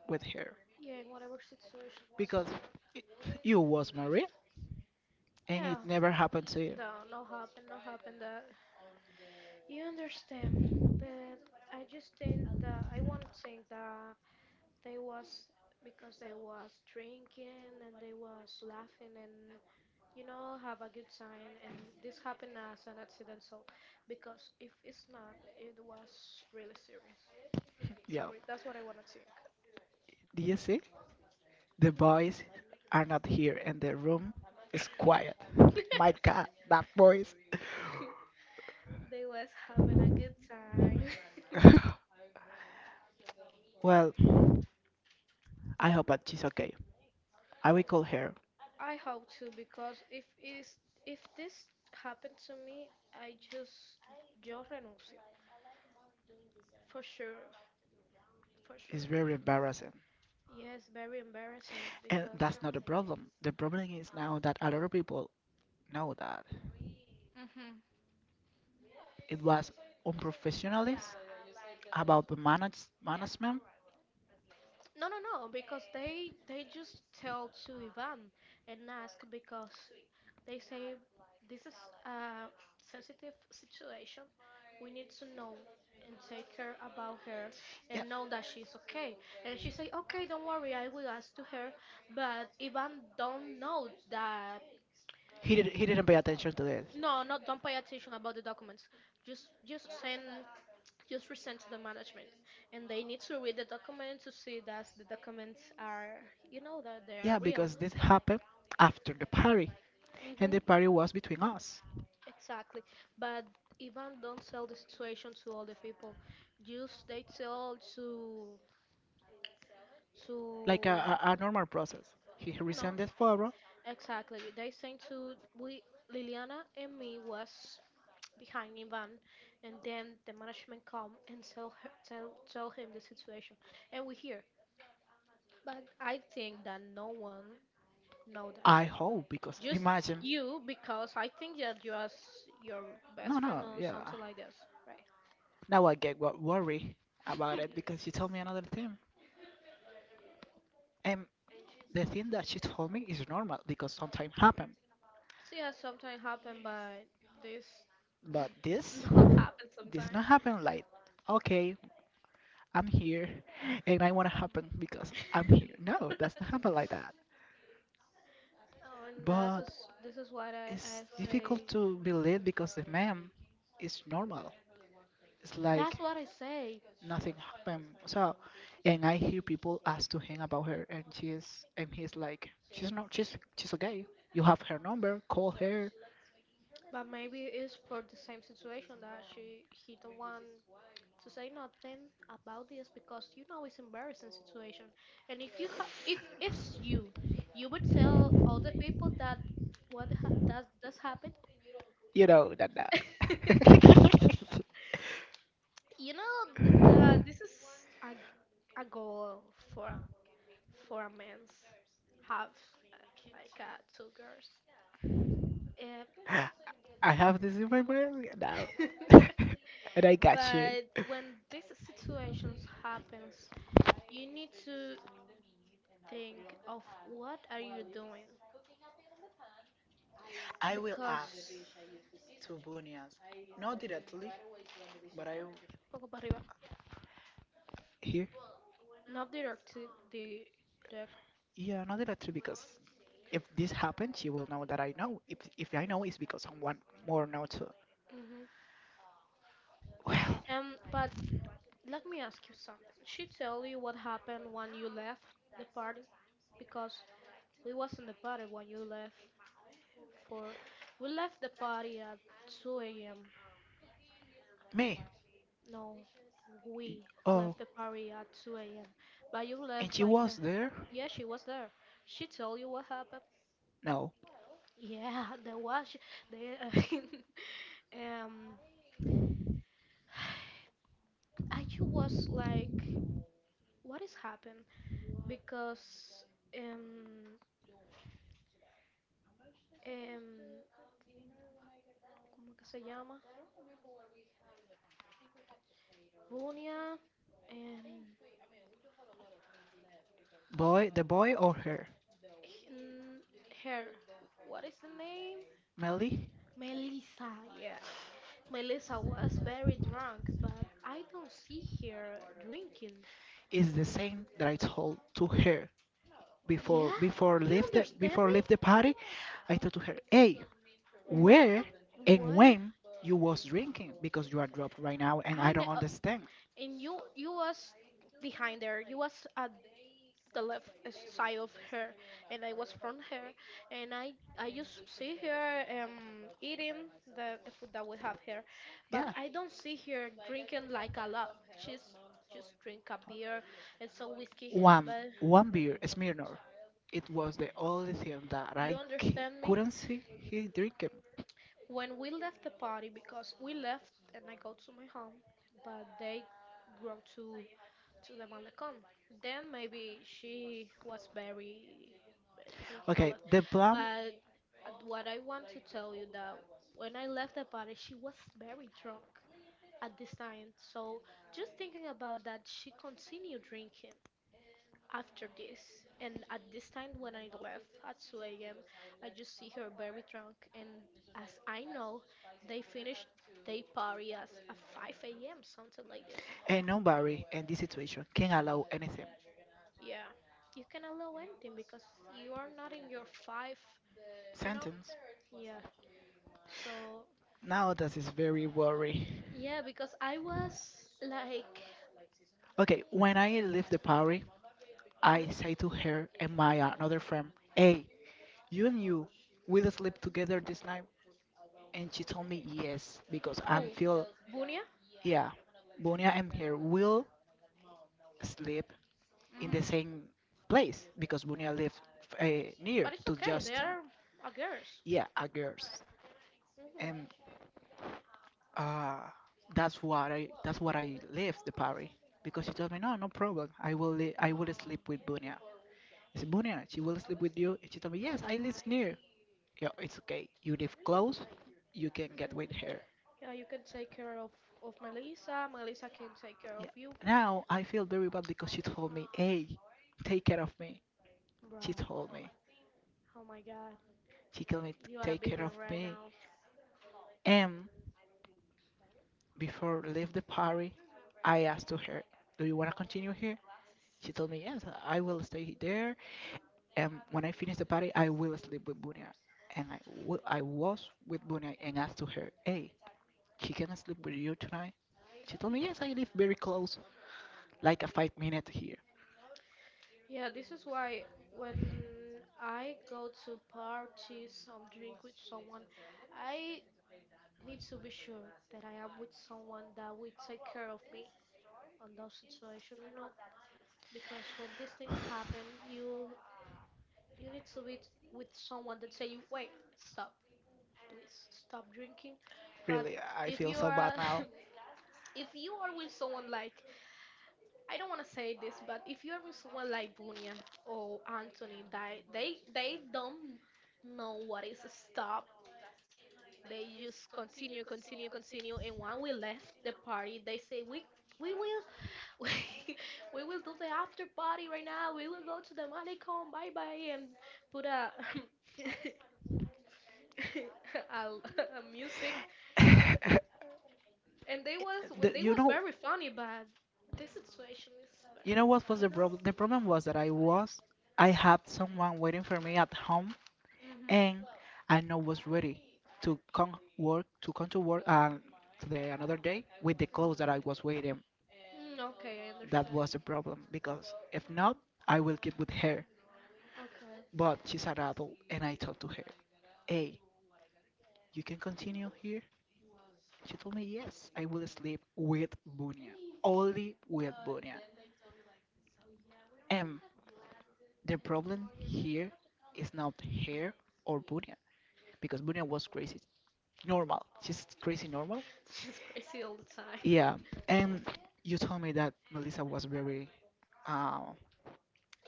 Speaker 2: with her
Speaker 1: Yeah, in whatever situation was
Speaker 2: because
Speaker 1: struck.
Speaker 2: it, you was Maria, and it
Speaker 1: Yeah,
Speaker 2: never happened to you.
Speaker 1: no, no happen, no happen that. You understand, but I just think that I won't think that they was because they was drinking and they was laughing and you know have a good time and this happened as an accident so because if it's not it was really serious
Speaker 2: Yeah.
Speaker 1: sorry that's what I want to think.
Speaker 2: Do you see? The boys are not here and the room is
Speaker 1: Hmm?
Speaker 2: quiet. My god, that voice.
Speaker 1: they was having a good time.
Speaker 2: Well, I hope that she's okay. I will call her.
Speaker 1: I hope to because if is if this happened to me I just yo renuncio for sure for
Speaker 2: It's
Speaker 1: sure.
Speaker 2: very embarrassing.
Speaker 1: Yes, very embarrassing
Speaker 2: And
Speaker 1: because
Speaker 2: that's not the problem. The problem is now that a lot of people know that.
Speaker 1: mhm.
Speaker 2: It was unprofessionalist about the manage, management.
Speaker 1: No, no, no, because they they just tell to Ivan and ask because they say this is a sensitive situation. We need to know and take care about her
Speaker 2: Yeah,
Speaker 1: and know that she's okay. And she say, okay, don't worry, I will ask to her. But Ivan don't know that.
Speaker 2: he did. He didn't pay attention to this.
Speaker 1: No, not don't pay attention about the documents. Just just send just present to the management and they need to read the document to see that the documents are you know that they are
Speaker 2: Yeah,
Speaker 1: real.
Speaker 2: because this happened after the party, and the
Speaker 1: Hmm.
Speaker 2: party was between us,
Speaker 1: Exactly but Ivan don't sell the situation to all the people just they tell to
Speaker 2: like a,
Speaker 1: to
Speaker 2: a, a normal process. He
Speaker 1: no
Speaker 2: resent this photo.
Speaker 1: exactly they saying to we Liliana and me was behind Ivan and then the management come and tell her tell, tell him the situation and we hear but I think that no one know that.
Speaker 2: I hope because
Speaker 1: Just
Speaker 2: imagine.
Speaker 1: you, because I think that you are s- your best
Speaker 2: No,
Speaker 1: friend
Speaker 2: no,
Speaker 1: or
Speaker 2: yeah.
Speaker 1: something like this, right?
Speaker 2: Now I get what worry about it because she told me another thing. And the thing that she told me is normal because sometimes happen.
Speaker 1: So yeah, sometimes happen, but this
Speaker 2: But this,
Speaker 1: not happen
Speaker 2: this
Speaker 1: sometimes.
Speaker 2: not happen like, okay, I'm here and I want to happen because I'm here. No, that's not happen like that.
Speaker 1: Oh, and this
Speaker 2: But
Speaker 1: is this is what I, I
Speaker 2: it's
Speaker 1: say.
Speaker 2: difficult to believe because the man is normal. It's like
Speaker 1: That's what I say.
Speaker 2: nothing happened. So, and I hear people ask to him about her, and she is, and he's like, she's not, she's, she's okay. You have her number, call her.
Speaker 1: But maybe it's for the same situation that she he don't want to say nothing about this because you know it's embarrassing situation. And if you have, if it's you, you would tell all the people that what ha- does does happen.
Speaker 2: You know that that.
Speaker 1: you know th- the this is a, a goal for for a man's have uh, like uh, two girls uh,
Speaker 2: I have this in my brain now, and I got you.
Speaker 1: but when these situations happens you need to think of what are you doing
Speaker 2: I will ask
Speaker 1: because
Speaker 2: to Bunias, not directly, but I
Speaker 1: what the fuck about River?
Speaker 2: here.
Speaker 1: Not directly direct.
Speaker 2: Yeah, not directly because if this happens, she will know that I know. If if I know, it's because someone more know too.
Speaker 1: Hmm.
Speaker 2: Well.
Speaker 1: Um, but let me ask you something. She tell you what happened when you left the party, because we was in the party when you left for. We left the party at two a m.
Speaker 2: Me?
Speaker 1: No,
Speaker 2: Y-
Speaker 1: we
Speaker 2: Oh,
Speaker 1: left the party at two a m. But you
Speaker 2: and
Speaker 1: left
Speaker 2: she
Speaker 1: like. A,
Speaker 2: was there?
Speaker 1: yeah, she was there. She told you what happened.
Speaker 2: No.
Speaker 1: Yeah, there was. She, they, um, I just was like, what is happened? Because um um ¿cómo que se llama? Bunia. um
Speaker 2: Boy, the boy or her,
Speaker 1: h- n- Her, what is the name?
Speaker 2: Melly,
Speaker 1: Melissa, yeah. Melissa was very drunk, but I don't see her drinking.
Speaker 2: is the same that I told to her before
Speaker 1: Yeah,
Speaker 2: before
Speaker 1: you
Speaker 2: leave the
Speaker 1: understand
Speaker 2: before leave the
Speaker 1: me?
Speaker 2: party. I told to her, "Hey,
Speaker 1: What
Speaker 2: where
Speaker 1: the
Speaker 2: and
Speaker 1: what?
Speaker 2: when you was drinking because you are drunk right now and I
Speaker 1: I
Speaker 2: don't
Speaker 1: know,
Speaker 2: understand."
Speaker 1: and you you was behind there. You was at the left side of her and I was from her and I I just see her um eating the the food that we have here, but
Speaker 2: Yeah.
Speaker 1: I don't see her drinking like a lot. She's just drink a beer and some whiskey,
Speaker 2: One,
Speaker 1: but
Speaker 2: one beer, Smirnoff. It was the only thing that
Speaker 1: you
Speaker 2: I c-
Speaker 1: understand me,
Speaker 2: couldn't see he drinking.
Speaker 1: when we left the party because we left and I go to my home, but they go to to the malecón. Then maybe she was very uh, drinking a
Speaker 2: Okay,
Speaker 1: lot.
Speaker 2: the plan
Speaker 1: But uh, what I want to tell you that when I left the party, she was very drunk at this time. So just thinking about that, she continued drinking after this. And at this time when I left at two a m, I just see her very drunk. And as I know, they finished their party as at five a m, something like this.
Speaker 2: and nobody in this situation can allow anything.
Speaker 1: Yeah, you can allow anything because you are not in your five, you know?
Speaker 2: Sentence.
Speaker 1: Yeah, so,
Speaker 2: Now that is very worry.
Speaker 1: yeah, because I was like,
Speaker 2: Okay, when I leave the party,
Speaker 1: mhm,
Speaker 2: I say to her and my another friend, "Hey, you and you will sleep together this night?" And she told me yes because I
Speaker 1: who?
Speaker 2: feel
Speaker 1: Bunya?
Speaker 2: yeah, Bonia and her will sleep in the
Speaker 1: Hmm.
Speaker 2: same place because Bunia lived uh, near
Speaker 1: But it's
Speaker 2: to
Speaker 1: okay, they
Speaker 2: Justin.
Speaker 1: are a girls.
Speaker 2: Yeah, a girls,
Speaker 1: Hmm, hmm.
Speaker 2: and uh, that's what I that's what I left the party because she told me no, no problem. I will li- I will sleep with Bunia. I said Bunia, she will sleep with you. And she told me yes, I live near. Yeah, it's okay. You live close, you can get with her.
Speaker 1: Yeah, you can take care of, of Melissa, Melissa can take care
Speaker 2: Yeah.
Speaker 1: of you.
Speaker 2: Now I feel very bad because she told me, hey, take care of me. She
Speaker 1: Bruh,
Speaker 2: told me.
Speaker 1: oh my god,
Speaker 2: She told me to
Speaker 1: you are a
Speaker 2: take care
Speaker 1: billion
Speaker 2: of
Speaker 1: right
Speaker 2: me.
Speaker 1: now.
Speaker 2: And before leave the party, I asked to her, "Do you want to continue here?" She told me, "Yes, I will stay there, and when I finish the party, I will sleep with Bunia." And I w- I was with Bunia and asked to her, "Hey, she can sleep with you tonight?" She told me, "Yes, I live very close, like a five minute here."
Speaker 1: Yeah, this is why when I go to parties or drink with someone, I need to be sure that I am with someone that will take care of me on those situations, you know, because when these things happen, you you need to be t- with someone that say you wait, stop, please, stop drinking. But
Speaker 2: Really, I
Speaker 1: if
Speaker 2: feel
Speaker 1: you
Speaker 2: so bad
Speaker 1: are
Speaker 2: now.
Speaker 1: if you are with someone like, I don't want to say this, but if you are with someone like Bunia or Anthony, that they they don't know what is a stop. They just continue, continue, continue, and when we left the party, they say we we will we we will do the after party right now. We will go to the malecon, bye bye, and put a a, a music. And they was
Speaker 2: The-
Speaker 1: they
Speaker 2: you
Speaker 1: was
Speaker 2: know,
Speaker 1: very funny, but the situation is
Speaker 2: you know
Speaker 1: very,
Speaker 2: what was
Speaker 1: you
Speaker 2: the
Speaker 1: know.
Speaker 2: problem? The problem was that I was, I had someone waiting for me at home,
Speaker 1: Hmm.
Speaker 2: and I know was ready to come work, to come to work and to the another day with the clothes that I was waiting.
Speaker 1: Mm, okay, I
Speaker 2: That
Speaker 1: understand.
Speaker 2: was the problem because if not, I will get with her.
Speaker 1: Okay.
Speaker 2: But she's an adult, and I talked to her. Hey, you can continue here. She told me yes, I will sleep with Bunya, only with Bunya. And the problem here is not her or Bunya because Bunia was crazy, normal, just crazy normal.
Speaker 1: She's crazy all the time.
Speaker 2: Yeah, and you told me that Melissa was very uh,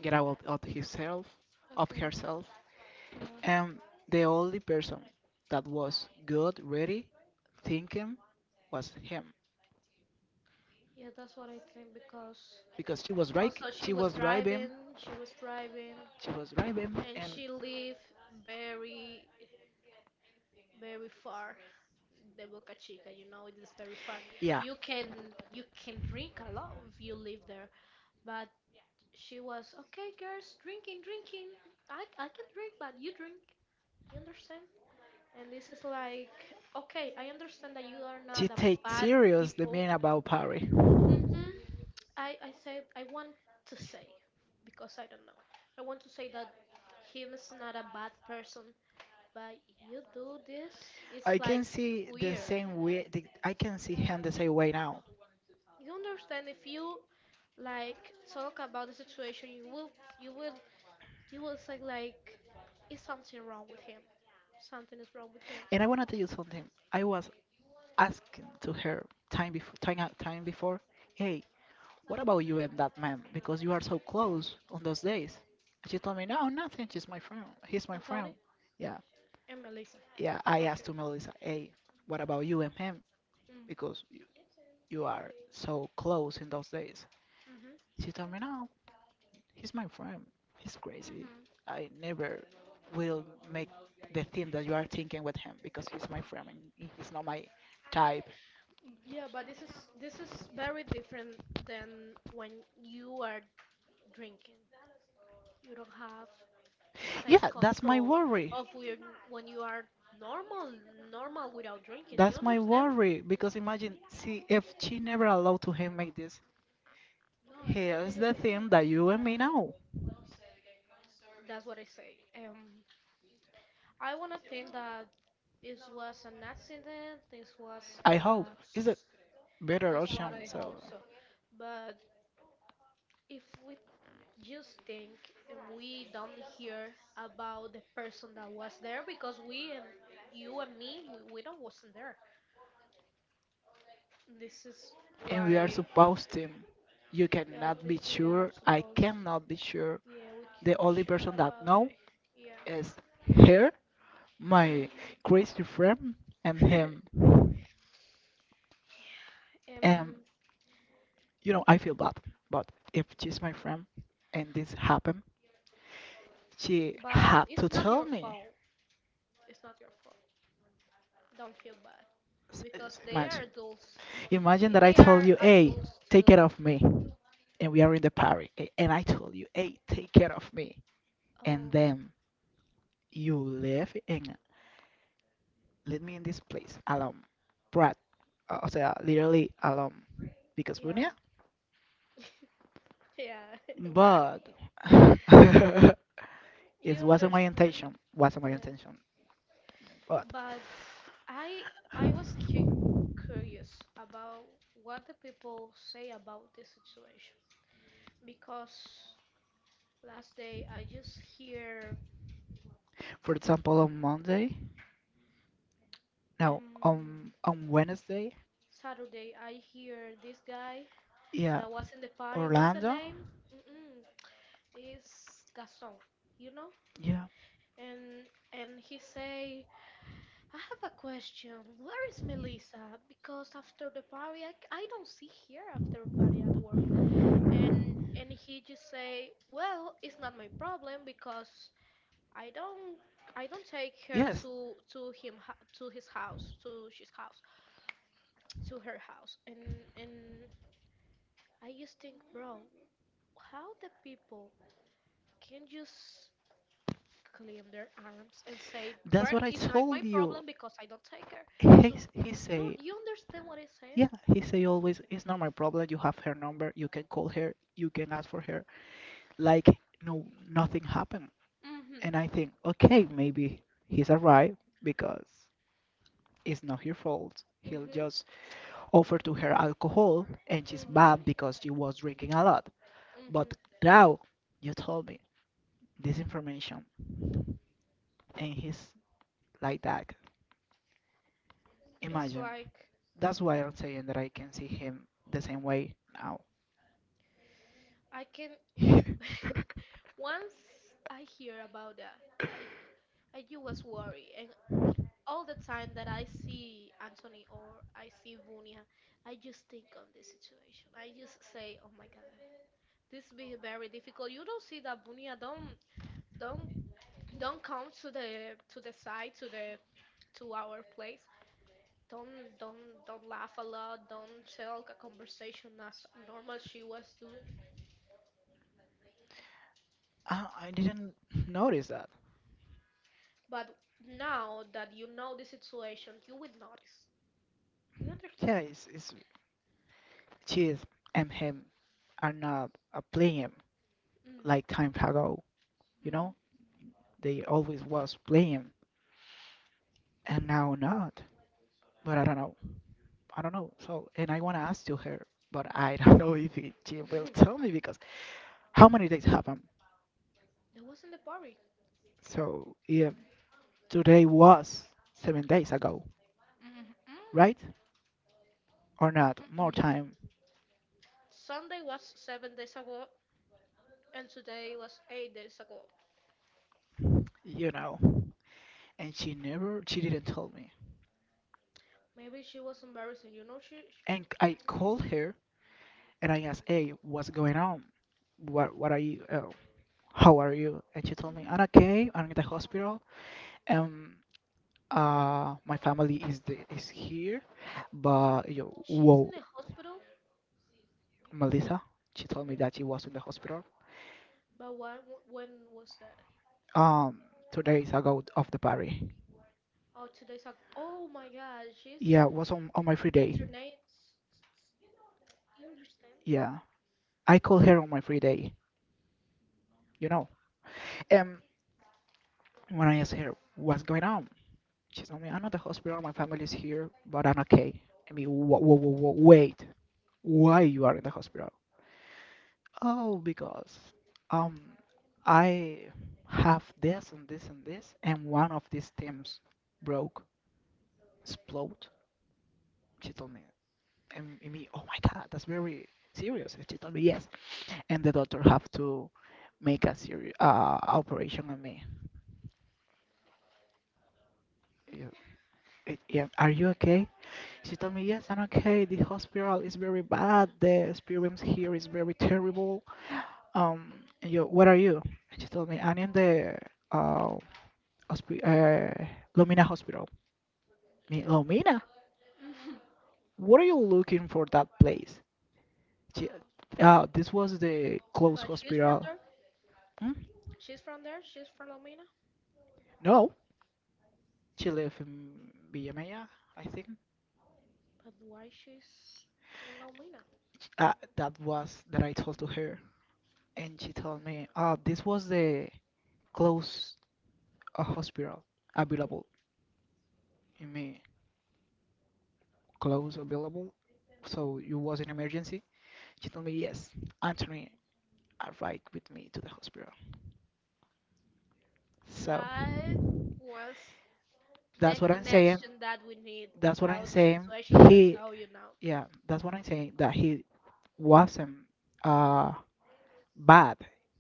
Speaker 2: get out of himself, of
Speaker 1: Okay.
Speaker 2: herself,
Speaker 1: Yeah.
Speaker 2: and the only person that was good, ready, thinking was him
Speaker 1: Yeah, that's what I think because
Speaker 2: because she was right,
Speaker 1: also, she
Speaker 2: she
Speaker 1: was
Speaker 2: was driving,
Speaker 1: driving, she was driving,
Speaker 2: she was driving,
Speaker 1: and
Speaker 2: and
Speaker 1: she lived very, very far. The Boca Chica, you know, it is very far.
Speaker 2: yeah,
Speaker 1: You can you can drink a lot if you live there. But she was okay, girls, drinking, drinking. I I can drink, but you drink. You understand? And this is like, okay, I understand that you are
Speaker 2: to
Speaker 1: not a
Speaker 2: take
Speaker 1: bad
Speaker 2: serious the
Speaker 1: people.
Speaker 2: meaning about Paris.
Speaker 1: Hmm. I, I said I want to say because I don't know. I want to say that him is not a bad person, but you do this, it's
Speaker 2: I
Speaker 1: like
Speaker 2: can see the
Speaker 1: weird.
Speaker 2: same way. The, I can see him the same way now.
Speaker 1: You understand if you like talk about the situation, you will you will you will say like is something wrong with him. Something is wrong with him.
Speaker 2: And I want to tell you something. I was asking to her time before, time, out- time before, hey, what about you and that man? Because you are so close on those days. And she told me, no, nothing. She's my friend. He's my friend.
Speaker 1: Anthony
Speaker 2: Yeah,
Speaker 1: and Melissa.
Speaker 2: yeah. I asked
Speaker 1: Okay.
Speaker 2: to Melissa, hey, what about you and him?
Speaker 1: Mm,
Speaker 2: Because you, you are so close in those days.
Speaker 1: mhm.
Speaker 2: She told me, no. He's my friend. He's crazy.
Speaker 1: Mhm.
Speaker 2: I never will make the thing that you are thinking with him because he's my friend and he's not my type.
Speaker 1: Yeah, but this is this is very different than when you are drinking. You don't have the same
Speaker 2: Yeah, that's my
Speaker 1: control
Speaker 2: worry.
Speaker 1: of when when you are normal, normal without drinking. You
Speaker 2: That's my
Speaker 1: understand?
Speaker 2: worry because imagine, see, if she never allowed to him make this, here's the thing that you and me know.
Speaker 1: That's what I say. Um, I wanna think that it was an accident. This was
Speaker 2: I hope
Speaker 1: uh,
Speaker 2: it's a better
Speaker 1: that's what
Speaker 2: option.
Speaker 1: I
Speaker 2: So
Speaker 1: hope so. But if we just think and we don't hear about the person that was there because we and you and me we, we don't wasn't there. This is
Speaker 2: and we are
Speaker 1: why
Speaker 2: supposed to. You
Speaker 1: yeah,
Speaker 2: cannot
Speaker 1: just
Speaker 2: be
Speaker 1: we are
Speaker 2: sure. I
Speaker 1: supposed.
Speaker 2: cannot be sure.
Speaker 1: Yeah, we can
Speaker 2: The
Speaker 1: be
Speaker 2: only
Speaker 1: sure
Speaker 2: person that
Speaker 1: about
Speaker 2: know
Speaker 1: it. Yeah.
Speaker 2: is her, my crazy friend, and
Speaker 1: Mm.
Speaker 2: him.
Speaker 1: um,
Speaker 2: And you know, I feel bad. But if she's my friend and this happened, she
Speaker 1: but
Speaker 2: had
Speaker 1: it's
Speaker 2: to
Speaker 1: not
Speaker 2: tell
Speaker 1: your
Speaker 2: me.
Speaker 1: fault. It's not your fault. Don't feel bad
Speaker 2: S-
Speaker 1: because
Speaker 2: s-
Speaker 1: they are
Speaker 2: imagine,
Speaker 1: adults.
Speaker 2: imagine
Speaker 1: I-
Speaker 2: that I
Speaker 1: They
Speaker 2: told
Speaker 1: are
Speaker 2: you, "Hey,
Speaker 1: adults.
Speaker 2: take care
Speaker 1: Uh,
Speaker 2: of me," and we are in the party, a- and I told you, "Hey, take care of me," and
Speaker 1: oh,
Speaker 2: then you leave and leave me in this place alone, brat. Uh, o sea, literally alone, because
Speaker 1: yeah,
Speaker 2: Brunia.
Speaker 1: yeah, right.
Speaker 2: But it
Speaker 1: You
Speaker 2: wasn't my
Speaker 1: understand?
Speaker 2: intention. Wasn't my
Speaker 1: Yeah.
Speaker 2: intention. But
Speaker 1: But I, I was cu- curious about what the people say about this situation because last day I just hear
Speaker 2: for example, on Monday, no,
Speaker 1: um
Speaker 2: on on Wednesday,
Speaker 1: Saturday, I hear this guy
Speaker 2: yeah,
Speaker 1: that was in the party. What's the
Speaker 2: Orlando,
Speaker 1: name? Mm-mm, it's Gaston, you know.
Speaker 2: yeah,
Speaker 1: And and he say, I have a question. Where is Melissa? Because after the party, I, c- I don't see her after party at work. And and he just say, well, it's not my problem because I don't I don't take her
Speaker 2: yes,
Speaker 1: to to him hou- to his house to his house to her house. And and I just think, bro, how the people can just claim their arms and say,
Speaker 2: that's
Speaker 1: "Well,
Speaker 2: what I
Speaker 1: it's not my
Speaker 2: told you.
Speaker 1: problem because I don't take her."
Speaker 2: He,
Speaker 1: So
Speaker 2: he
Speaker 1: you
Speaker 2: say,
Speaker 1: you understand what I'm saying?
Speaker 2: yeah, he say always, it's not my problem. You have her number. You can call her. You can ask for her. Like, no, nothing happened.
Speaker 1: Mhm.
Speaker 2: And I think, okay, maybe he's alright because it's not her fault. He'll
Speaker 1: Mhm.
Speaker 2: just offer to her alcohol and she's bad
Speaker 1: Mhm.
Speaker 2: because she was drinking a lot.
Speaker 1: Mhm.
Speaker 2: But now you told me this information and he's like that.
Speaker 1: It's
Speaker 2: Imagine.
Speaker 1: like
Speaker 2: That's why I'm saying that I can see him the same way now.
Speaker 1: I can well,
Speaker 2: I,
Speaker 1: once I hear about that, I I just was worried and all the time that I see Anthony or I see Vunia, I just think on this situation. I just say, "Oh my God, this be very difficult. You don't see that Bunia don't don't don't come to the to the side to the to our place. Don't don't don't laugh a lot. Don't talk a conversation as normal she was doing.
Speaker 2: I didn't notice that.
Speaker 1: But now that you know the situation, you will notice. You understand?
Speaker 2: Yeah, it's, it's she is and him are not a playing
Speaker 1: Mm.
Speaker 2: like time ago. You
Speaker 1: Mhm.
Speaker 2: know, they always was playing and now not. But I don't know. I don't know. So and I wanna ask to her, but I don't know if it, she will tell me because how many days happened?
Speaker 1: there wasn't a party.
Speaker 2: So yeah, today was seven days ago,
Speaker 1: Mhm. Mm.
Speaker 2: right? Or not? More
Speaker 1: Mm-mm.
Speaker 2: time
Speaker 1: Sunday was seven days ago, and today was eight days ago.
Speaker 2: you know. And she never, she didn't tell me.
Speaker 1: Maybe she was embarrassing. You know, she.
Speaker 2: And I called her and I asked, hey, what's going on? What, what are you, uh, how are you? And she told me,
Speaker 1: Hmm.
Speaker 2: I'm okay, I'm in the hospital. Um, uh, my family is the, is here, but you know,
Speaker 1: She's in
Speaker 2: whoa,
Speaker 1: the hospital.
Speaker 2: Melissa, she told me
Speaker 1: Hmm.
Speaker 2: that she was in the hospital.
Speaker 1: But when when was that?
Speaker 2: Um, Two days ago of the party.
Speaker 1: Oh, two days ago. Oh my God, she's
Speaker 2: Yeah, was on, on my free day.
Speaker 1: internated. You understand?
Speaker 2: Yeah, I called her on my free day, you know. Um, When I asked her what's going on, she told me, I'm at the hospital, my family is here, but I'm okay. I mean, wha wha wha wha- wait, why you are in the hospital? Oh, because um, I have this and this and this, and one of these things broke, explode. She told me, and me, oh my God, that's very serious. And she told me yes, and the doctor have to make a serious uh, operation on me. Yeah, it- yeah, are you okay? She told me, yes, I'm okay. The hospital is very bad. The experience here is very terrible. Um, and yo, where are you? And she told me, I'm in the uh, hospi- uh, Lumina Hospital. Me, Lumina?
Speaker 1: Mhm.
Speaker 2: What are you looking for that place? She, uh, this was the close
Speaker 1: But she's from
Speaker 2: hospital.
Speaker 1: there.
Speaker 2: Hmm?
Speaker 1: She's from there. She's from Lomina.
Speaker 2: No, she lived in Villa Maya, I think.
Speaker 1: But why she's in Lomina?
Speaker 2: Uh, that was that I told to her, and she told me, ah this was the close uh, hospital available in me. Clothes available, so it was an emergency. She told me, yes, Anthony arrived with me to the hospital. So
Speaker 1: That was
Speaker 2: that's
Speaker 1: the
Speaker 2: what I'm saying.
Speaker 1: connection that we need
Speaker 2: That's what I'm
Speaker 1: about the
Speaker 2: saying.
Speaker 1: situation that I
Speaker 2: He,
Speaker 1: tell you now.
Speaker 2: yeah, that's what I'm saying. That he wasn't uh bad.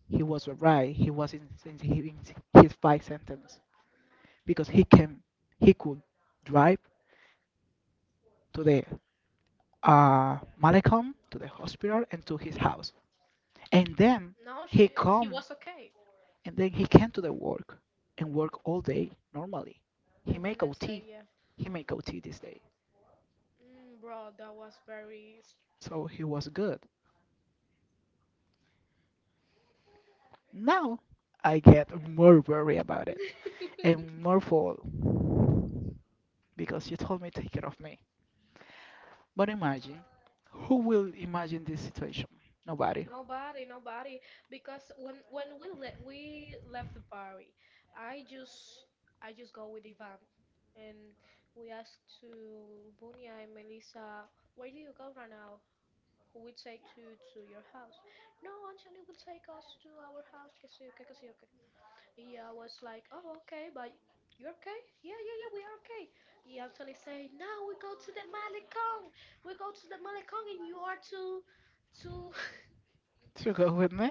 Speaker 2: He was right. He was in, in he- in his five sentence because he came. He could drive to the uh Malecom to the hospital and to his house, and then
Speaker 1: No,
Speaker 2: he
Speaker 1: she he
Speaker 2: come.
Speaker 1: was okay.
Speaker 2: And then he came to the work and work all day normally. He
Speaker 1: Uh, the
Speaker 2: make
Speaker 1: next day,
Speaker 2: O T.
Speaker 1: yeah.
Speaker 2: He make O T this day.
Speaker 1: Mm, bro, that was very.
Speaker 2: So he was good. Now I get more worried about it
Speaker 1: S-
Speaker 2: and more full because you told me take care of me. But imagine, who will imagine this situation? Nobody.
Speaker 1: Nobody, nobody. Because when when we le we left the party, I just I just go with Ivan, and we asked to Bunia and Melissa, where do you go right now? Who will take to to your house? No, Anthony will take us to our house. Que sí, okay, que sí, okay. Yeah, I was like, oh, okay, but you're okay? Yeah, yeah, yeah, we are okay. Yeah, Anthony said, no, we go to the Malecón. We go to the Malecón, and you are too, too.
Speaker 2: To go with me.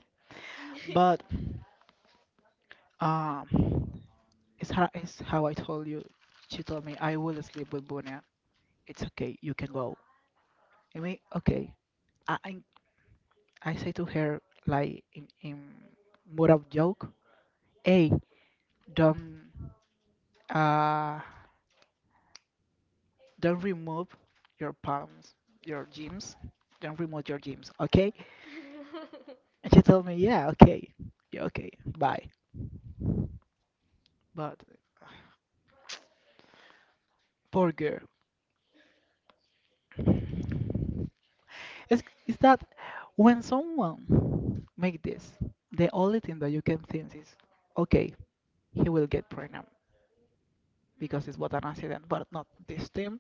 Speaker 2: But um, it's how, it's how I told you. She told me I will sleep with Bunya. It's okay. You can go. I mean, okay. I, I I say to her like in, in more of joke, hey, don't uh don't remove your palms, your jeans. Don't remove your jeans, okay? And she told me, yeah, okay, yeah, okay, bye. But poor girl, it's, it's that when someone make this, the only thing that you can think is, okay, he will get pregnant because
Speaker 1: Mm.
Speaker 2: it was an accident, but not this time.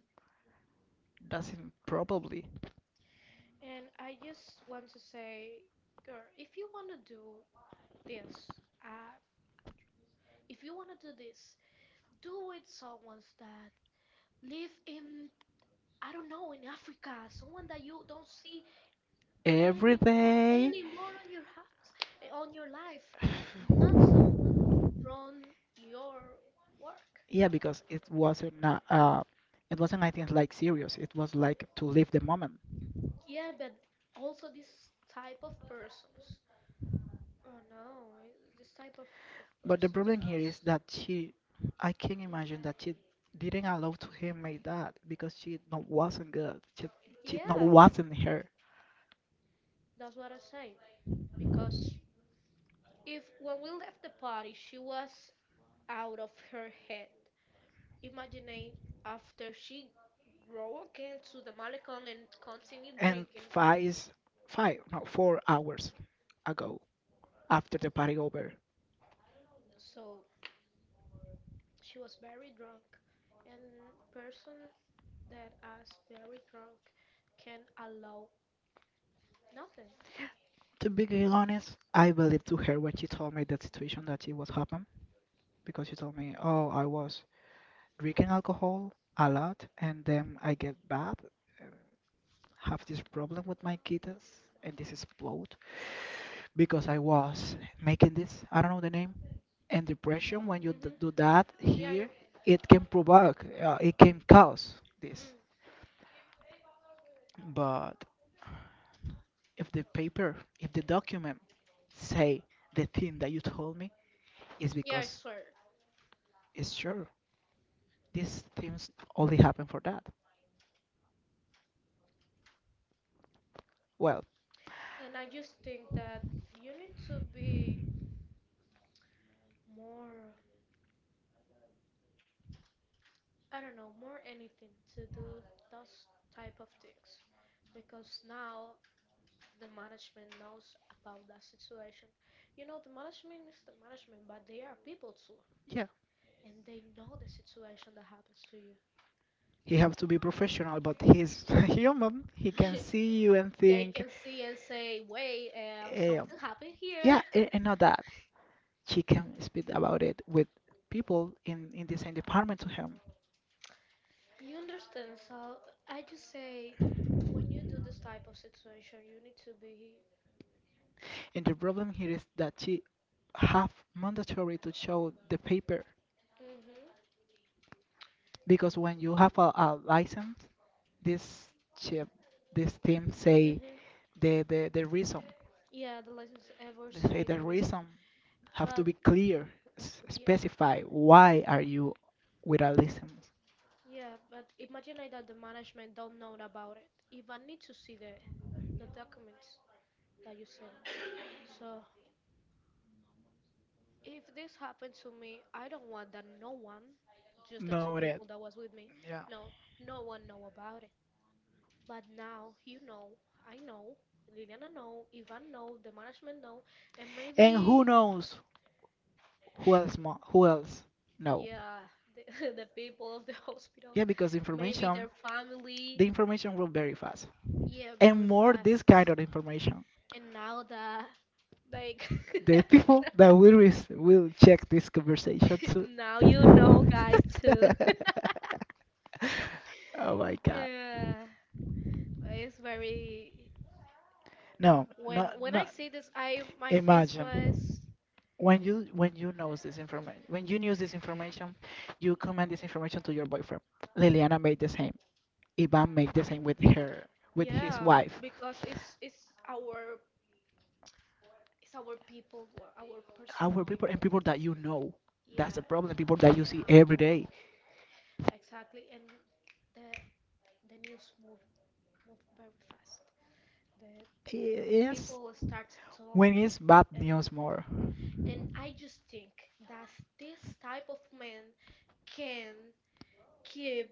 Speaker 2: Doesn't probably
Speaker 1: And I just want to say, girl, if you want to do this, uh, if you want to do this, do with someone that live in, I don't know, in Africa, someone that you don't see
Speaker 2: every
Speaker 1: any more-
Speaker 2: day.
Speaker 1: anymore on your house, eh, on your life, not so from your work.
Speaker 2: Yeah, because it wasn't not, uh, it wasn't I think like serious. It was like to live the moment.
Speaker 1: Yeah, but also this type of persons. Oh no, eh, this type of, of
Speaker 2: But the
Speaker 1: persons.
Speaker 2: problem here is that she, I can imagine that she didn't allow to him make that because she not wasn't good. She she not
Speaker 1: Yeah,
Speaker 2: wasn't her.
Speaker 1: that's what I say. Because if when we left the party, she was out of her head. Imagining after she grow again to the Malecon and continue
Speaker 2: And
Speaker 1: drinking.
Speaker 2: five, is- five, no, four hours ago after the party over.
Speaker 1: So she was very drunk, and person that is very drunk can allow nothing.
Speaker 2: To be honest, I believed to her when she told me that situation that it was happen because she told me, "Oh, I was drinking alcohol a lot, and then I get bad, um, have this problem with my kidneys, and this explode because I was making this. I don't know the name. And depression, when you d
Speaker 1: Mhm.
Speaker 2: do that
Speaker 1: Yeah. Yeah.
Speaker 2: here, it can provoke, uh, it can cause this.
Speaker 1: Mm.
Speaker 2: But if the paper, if the document say the thing that you told me, is
Speaker 1: Yeah, I
Speaker 2: because."
Speaker 1: swear.
Speaker 2: It's sure. These things only happen for that. Well,
Speaker 1: And I just think that you need to be more, I don't know, more anything to do those type of things. Because now the management knows about that situation. You know, the management is the management, but they are people too.
Speaker 2: yeah,
Speaker 1: And they know the situation that happens to you.
Speaker 2: he have to be professional, but he's human. He can see you and
Speaker 1: they
Speaker 2: think,
Speaker 1: can see and say, wait, um,
Speaker 2: um,
Speaker 1: something happened here.
Speaker 2: yeah, and, and not that. She can speak about it with people in, in the same department to him.
Speaker 1: You understand, Sal? I just say when you do this type of situation, you need to be.
Speaker 2: And the problem here is that she have mandatory to show the paper
Speaker 1: Mhm.
Speaker 2: because when you have a, a license, this chip, this team say
Speaker 1: Mhm.
Speaker 2: the the, the reason,
Speaker 1: Yeah, the license ever
Speaker 2: they say
Speaker 1: say
Speaker 2: the
Speaker 1: the reason,
Speaker 2: reason have to
Speaker 1: but
Speaker 2: be clear, s-
Speaker 1: yeah,
Speaker 2: specify why are you with without license.
Speaker 1: yeah. But imagine like that the management don't know about it. Even need to see the the documents that you send. So if this happened to me, I don't want that. No one, just the two
Speaker 2: No red.
Speaker 1: people that was with me,
Speaker 2: Yeah.
Speaker 1: no, no one know about it. But now you know, I know, Liliana know, Ivan know, the management know, and
Speaker 2: And who
Speaker 1: maybe
Speaker 2: knows who else, mo- who else. No.
Speaker 1: yeah, the the people of the hospital,
Speaker 2: Yeah, because
Speaker 1: maybe
Speaker 2: information,
Speaker 1: their family.
Speaker 2: the information will very fast,
Speaker 1: Yeah, very
Speaker 2: and more this kind
Speaker 1: fast.
Speaker 2: of information.
Speaker 1: And now that like
Speaker 2: The people that will res- will check this conversation too.
Speaker 1: now you know guys too.
Speaker 2: Oh my god.
Speaker 1: Yeah, it's very
Speaker 2: No,
Speaker 1: when
Speaker 2: not
Speaker 1: when I
Speaker 2: not.
Speaker 1: see this, I my face
Speaker 2: Imagine
Speaker 1: was
Speaker 2: when you when you know this information, when you knew this information, you comment this information to your boyfriend. Liliana made the same. Ivan made the same with her, with his, yeah,
Speaker 1: yeah
Speaker 2: wife.
Speaker 1: because it's it's our it's our people, wa- our personal
Speaker 2: Our people and
Speaker 1: people.
Speaker 2: people that you know. That's
Speaker 1: Yeah,
Speaker 2: the problem. People that you see
Speaker 1: yeah,
Speaker 2: every day.
Speaker 1: exactly. And the the news move move very fast. The the
Speaker 2: Is
Speaker 1: people start to
Speaker 2: when
Speaker 1: talk,
Speaker 2: it's bad
Speaker 1: and
Speaker 2: news more.
Speaker 1: and I just think that this type of man can keep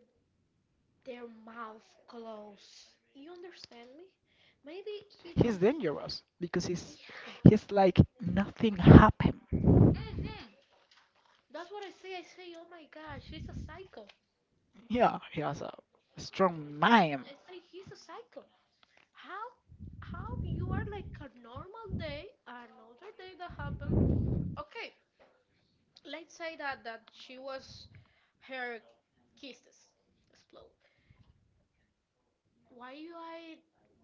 Speaker 1: their mouth closed. You understand me? Maybe he
Speaker 2: He's
Speaker 1: don't.
Speaker 2: dangerous because he's
Speaker 1: Yeah,
Speaker 2: he's like nothing happened.
Speaker 1: hmm that's what I say. I say, oh my gosh, he's a psycho.
Speaker 2: Yeah, he has a strong
Speaker 1: I,
Speaker 2: mind.
Speaker 1: I say he's a psycho. How how you are like a normal day, another day that happened. Okay, let's say that that she was her kisses explode. Why you I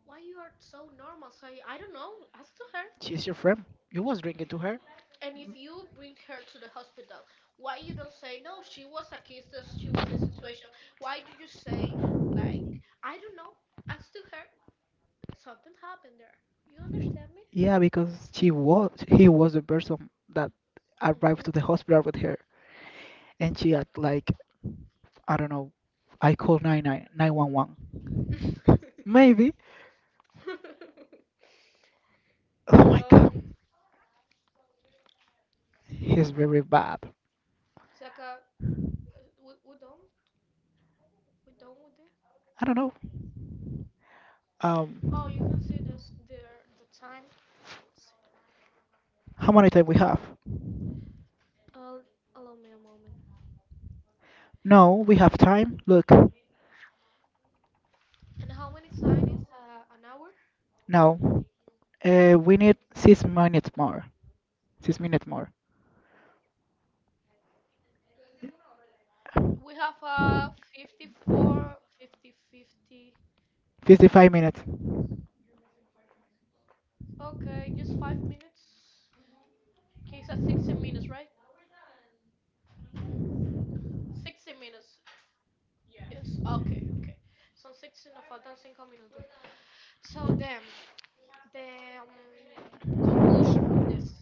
Speaker 1: why you are so normal? Say I don't know. Ask to her.
Speaker 2: She's your friend. You was drinking to her.
Speaker 1: And if you bring her to the hospital, why you don't say no? She was a kisses. She was a situation. Why do you say like I don't know? Ask to her. Something happened there. You understand me?
Speaker 2: Yeah, because she was, he was the person that arrived to the hospital with her, and she had like I don't know. I called nine nine nine one one. Maybe.
Speaker 1: Hmm
Speaker 2: Oh my
Speaker 1: So
Speaker 2: god, he's very bad.
Speaker 1: it's like we, we done we done with it.
Speaker 2: I don't know.
Speaker 1: Oh, you can
Speaker 2: Um,
Speaker 1: see this there the time. S-
Speaker 2: how many time we have?
Speaker 1: Uh, Allow me a moment.
Speaker 2: No, we have time. Look,
Speaker 1: And how many time is uh, an hour?
Speaker 2: no, uh, we need six minutes more. Six minutes more.
Speaker 1: We have uh fifty-four, fifty, fifty.
Speaker 2: fifty-five minutes.
Speaker 1: Okay, just five minutes. Okay, it's at sixty minutes, right? sixty minutes. Yes. Okay. Okay. Son sixty, nos faltan cinco minutos. So then the um, conclusion of this.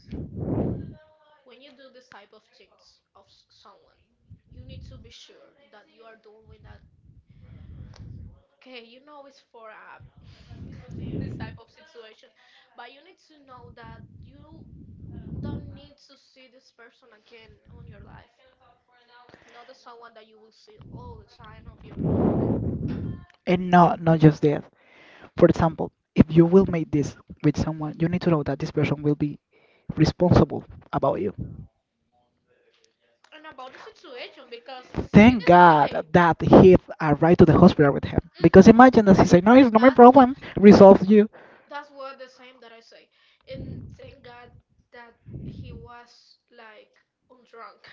Speaker 1: When you do this type of things of s- someone, you need to be sure that you are doing that. Okay, you know it's for uh, this type of situation, but you need to know that you don't need to see this person again on your life. Not as someone that you will see all the time of your work.
Speaker 2: And not not just that. For example, if you will make this with someone, you need to know that this person will be responsible about you.
Speaker 1: And about the situation, because see
Speaker 2: Thank
Speaker 1: this guy.
Speaker 2: God that he arrived to the hospital with him. Because
Speaker 1: Mm,
Speaker 2: imagine that he said, "No, it's not my
Speaker 1: That
Speaker 2: problem. Resolve you."
Speaker 1: that's what the same that I say. And thank God that he was like undrunk.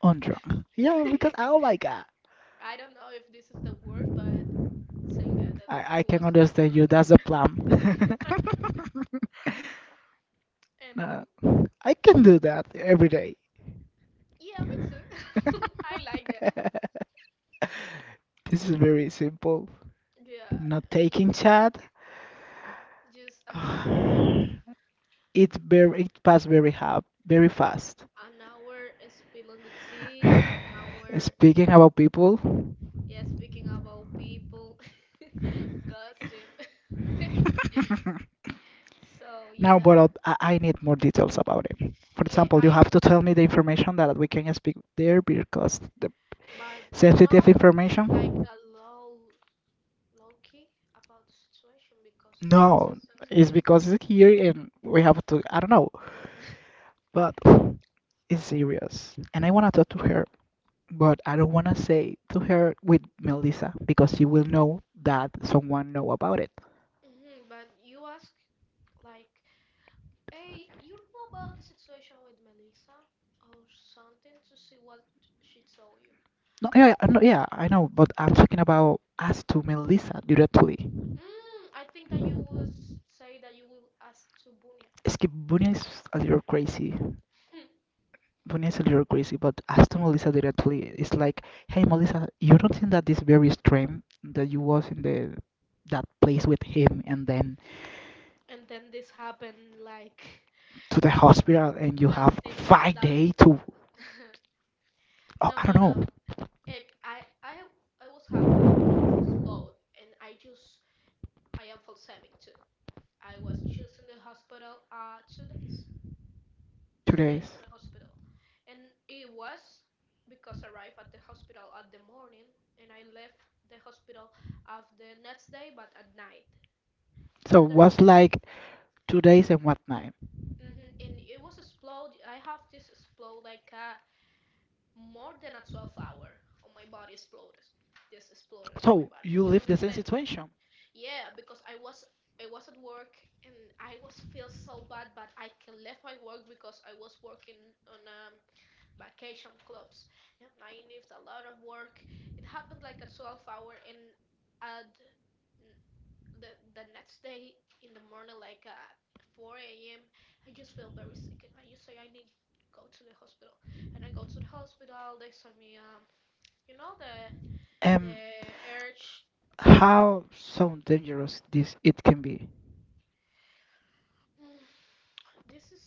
Speaker 2: On drunk. Yeah, because oh my god,
Speaker 1: I don't know if this is the word, but thank God that
Speaker 2: I
Speaker 1: he
Speaker 2: I can
Speaker 1: was on
Speaker 2: understand you.
Speaker 1: drugs.
Speaker 2: That's a plan.
Speaker 1: And
Speaker 2: No, I can do that every day.
Speaker 1: yeah, me too. I like that.
Speaker 2: This is very simple.
Speaker 1: Yeah,
Speaker 2: Not
Speaker 1: and
Speaker 2: taking chat.
Speaker 1: just an hour,
Speaker 2: It's very, it passed very hard, very fast.
Speaker 1: an hour spilling the tea, an hour,
Speaker 2: Speaking about people.
Speaker 1: yeah, speaking about people, gossip. So
Speaker 2: Now,
Speaker 1: yeah,
Speaker 2: but I'll- I I need more details about it. For
Speaker 1: yeah,
Speaker 2: example, you
Speaker 1: I,
Speaker 2: have to tell me the information that we can speak there because the.
Speaker 1: but you
Speaker 2: Sensitive
Speaker 1: know,
Speaker 2: information?
Speaker 1: like a low, low key about the situation because you know it's a
Speaker 2: No, it's
Speaker 1: sensitive.
Speaker 2: because it's here and we have to. I don't know, but it's serious. And I want to talk to her, but I don't want to say to her with Melissa because she will know that someone know about it.
Speaker 1: Hmm but you ask like, hey, you know about the situation with Melissa or something to see what she told you?
Speaker 2: No, yeah, I know, yeah, I know, but I'm talking about us to Melissa directly.
Speaker 1: Mm, I think that you will s- say that you will ask to Bunya.
Speaker 2: Es que Bunny is a little crazy. Vanessa, you're crazy, but after Melissa directly, it's like, hey, Melissa, you don't think that this very stream that you was in the that place with him and then
Speaker 1: And then this happened like
Speaker 2: to the hospital, and you
Speaker 1: that
Speaker 2: have
Speaker 1: things
Speaker 2: five
Speaker 1: that
Speaker 2: day to, oh,
Speaker 1: no, no,
Speaker 2: I don't
Speaker 1: no.
Speaker 2: know,
Speaker 1: Ick, I I I was half a kiss explode and I just I am balsamic too. I was just in the hospital uh two days.
Speaker 2: two
Speaker 1: Two days
Speaker 2: days.
Speaker 1: in the hospital. And it was because I arrived at the hospital at the morning and I left the hospital of the next day, but at night. You
Speaker 2: So was
Speaker 1: understand?
Speaker 2: like two days and what night?
Speaker 1: Hmm And it was explode. I have this explode like uh, more than a twelve hour on my body exploded. This exploded on my
Speaker 2: So
Speaker 1: body.
Speaker 2: you
Speaker 1: You
Speaker 2: live the same
Speaker 1: understand?
Speaker 2: situation.
Speaker 1: Yeah, because I was I was at work and I was feel so bad, but I can left my work because I was working on a vacation clubs, and I need a lot of work. It happened like a twelve hour, and at n- the the next day in the morning, like uh, four a m, I just feel very sick, and I just say I need go to the hospital, and I go to the hospital. They send me um, you know the the
Speaker 2: Um,
Speaker 1: urge.
Speaker 2: how so dangerous this it can be.
Speaker 1: Mm, this is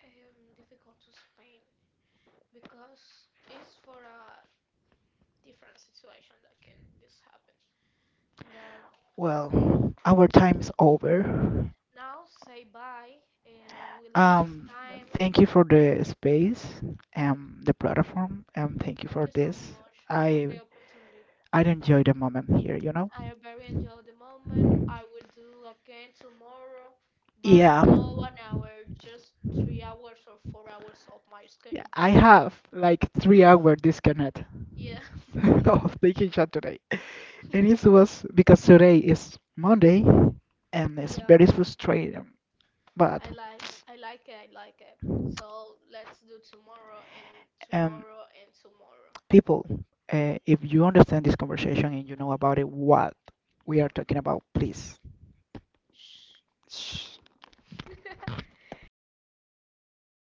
Speaker 1: um, difficult to explain because it's for a different situation that can this happen. But
Speaker 2: Well, our time is over.
Speaker 1: now say bye and we like this
Speaker 2: Um,
Speaker 1: time.
Speaker 2: thank you for the space and the platform, and thank you
Speaker 1: Thank you
Speaker 2: for
Speaker 1: so
Speaker 2: this.
Speaker 1: much for the
Speaker 2: I
Speaker 1: opportunity.
Speaker 2: I enjoy the moment here, you know.
Speaker 1: I very enjoyed the moment. I will do again tomorrow, but
Speaker 2: Yeah.
Speaker 1: no one hour, just three hours or four hours of my
Speaker 2: Yeah,
Speaker 1: schedule.
Speaker 2: I have like three hour disconnect
Speaker 1: Yeah,
Speaker 2: of taking shot today, and it was because today is Monday, and it's
Speaker 1: yeah.
Speaker 2: very frustrating.
Speaker 1: I
Speaker 2: But
Speaker 1: like, I like it. I like it. So let's do tomorrow and
Speaker 2: Um,
Speaker 1: tomorrow and tomorrow.
Speaker 2: people, uh, if you understand this conversation and you know about it, what we are talking about, please.
Speaker 1: Shh.
Speaker 2: Shh.
Speaker 1: Okay,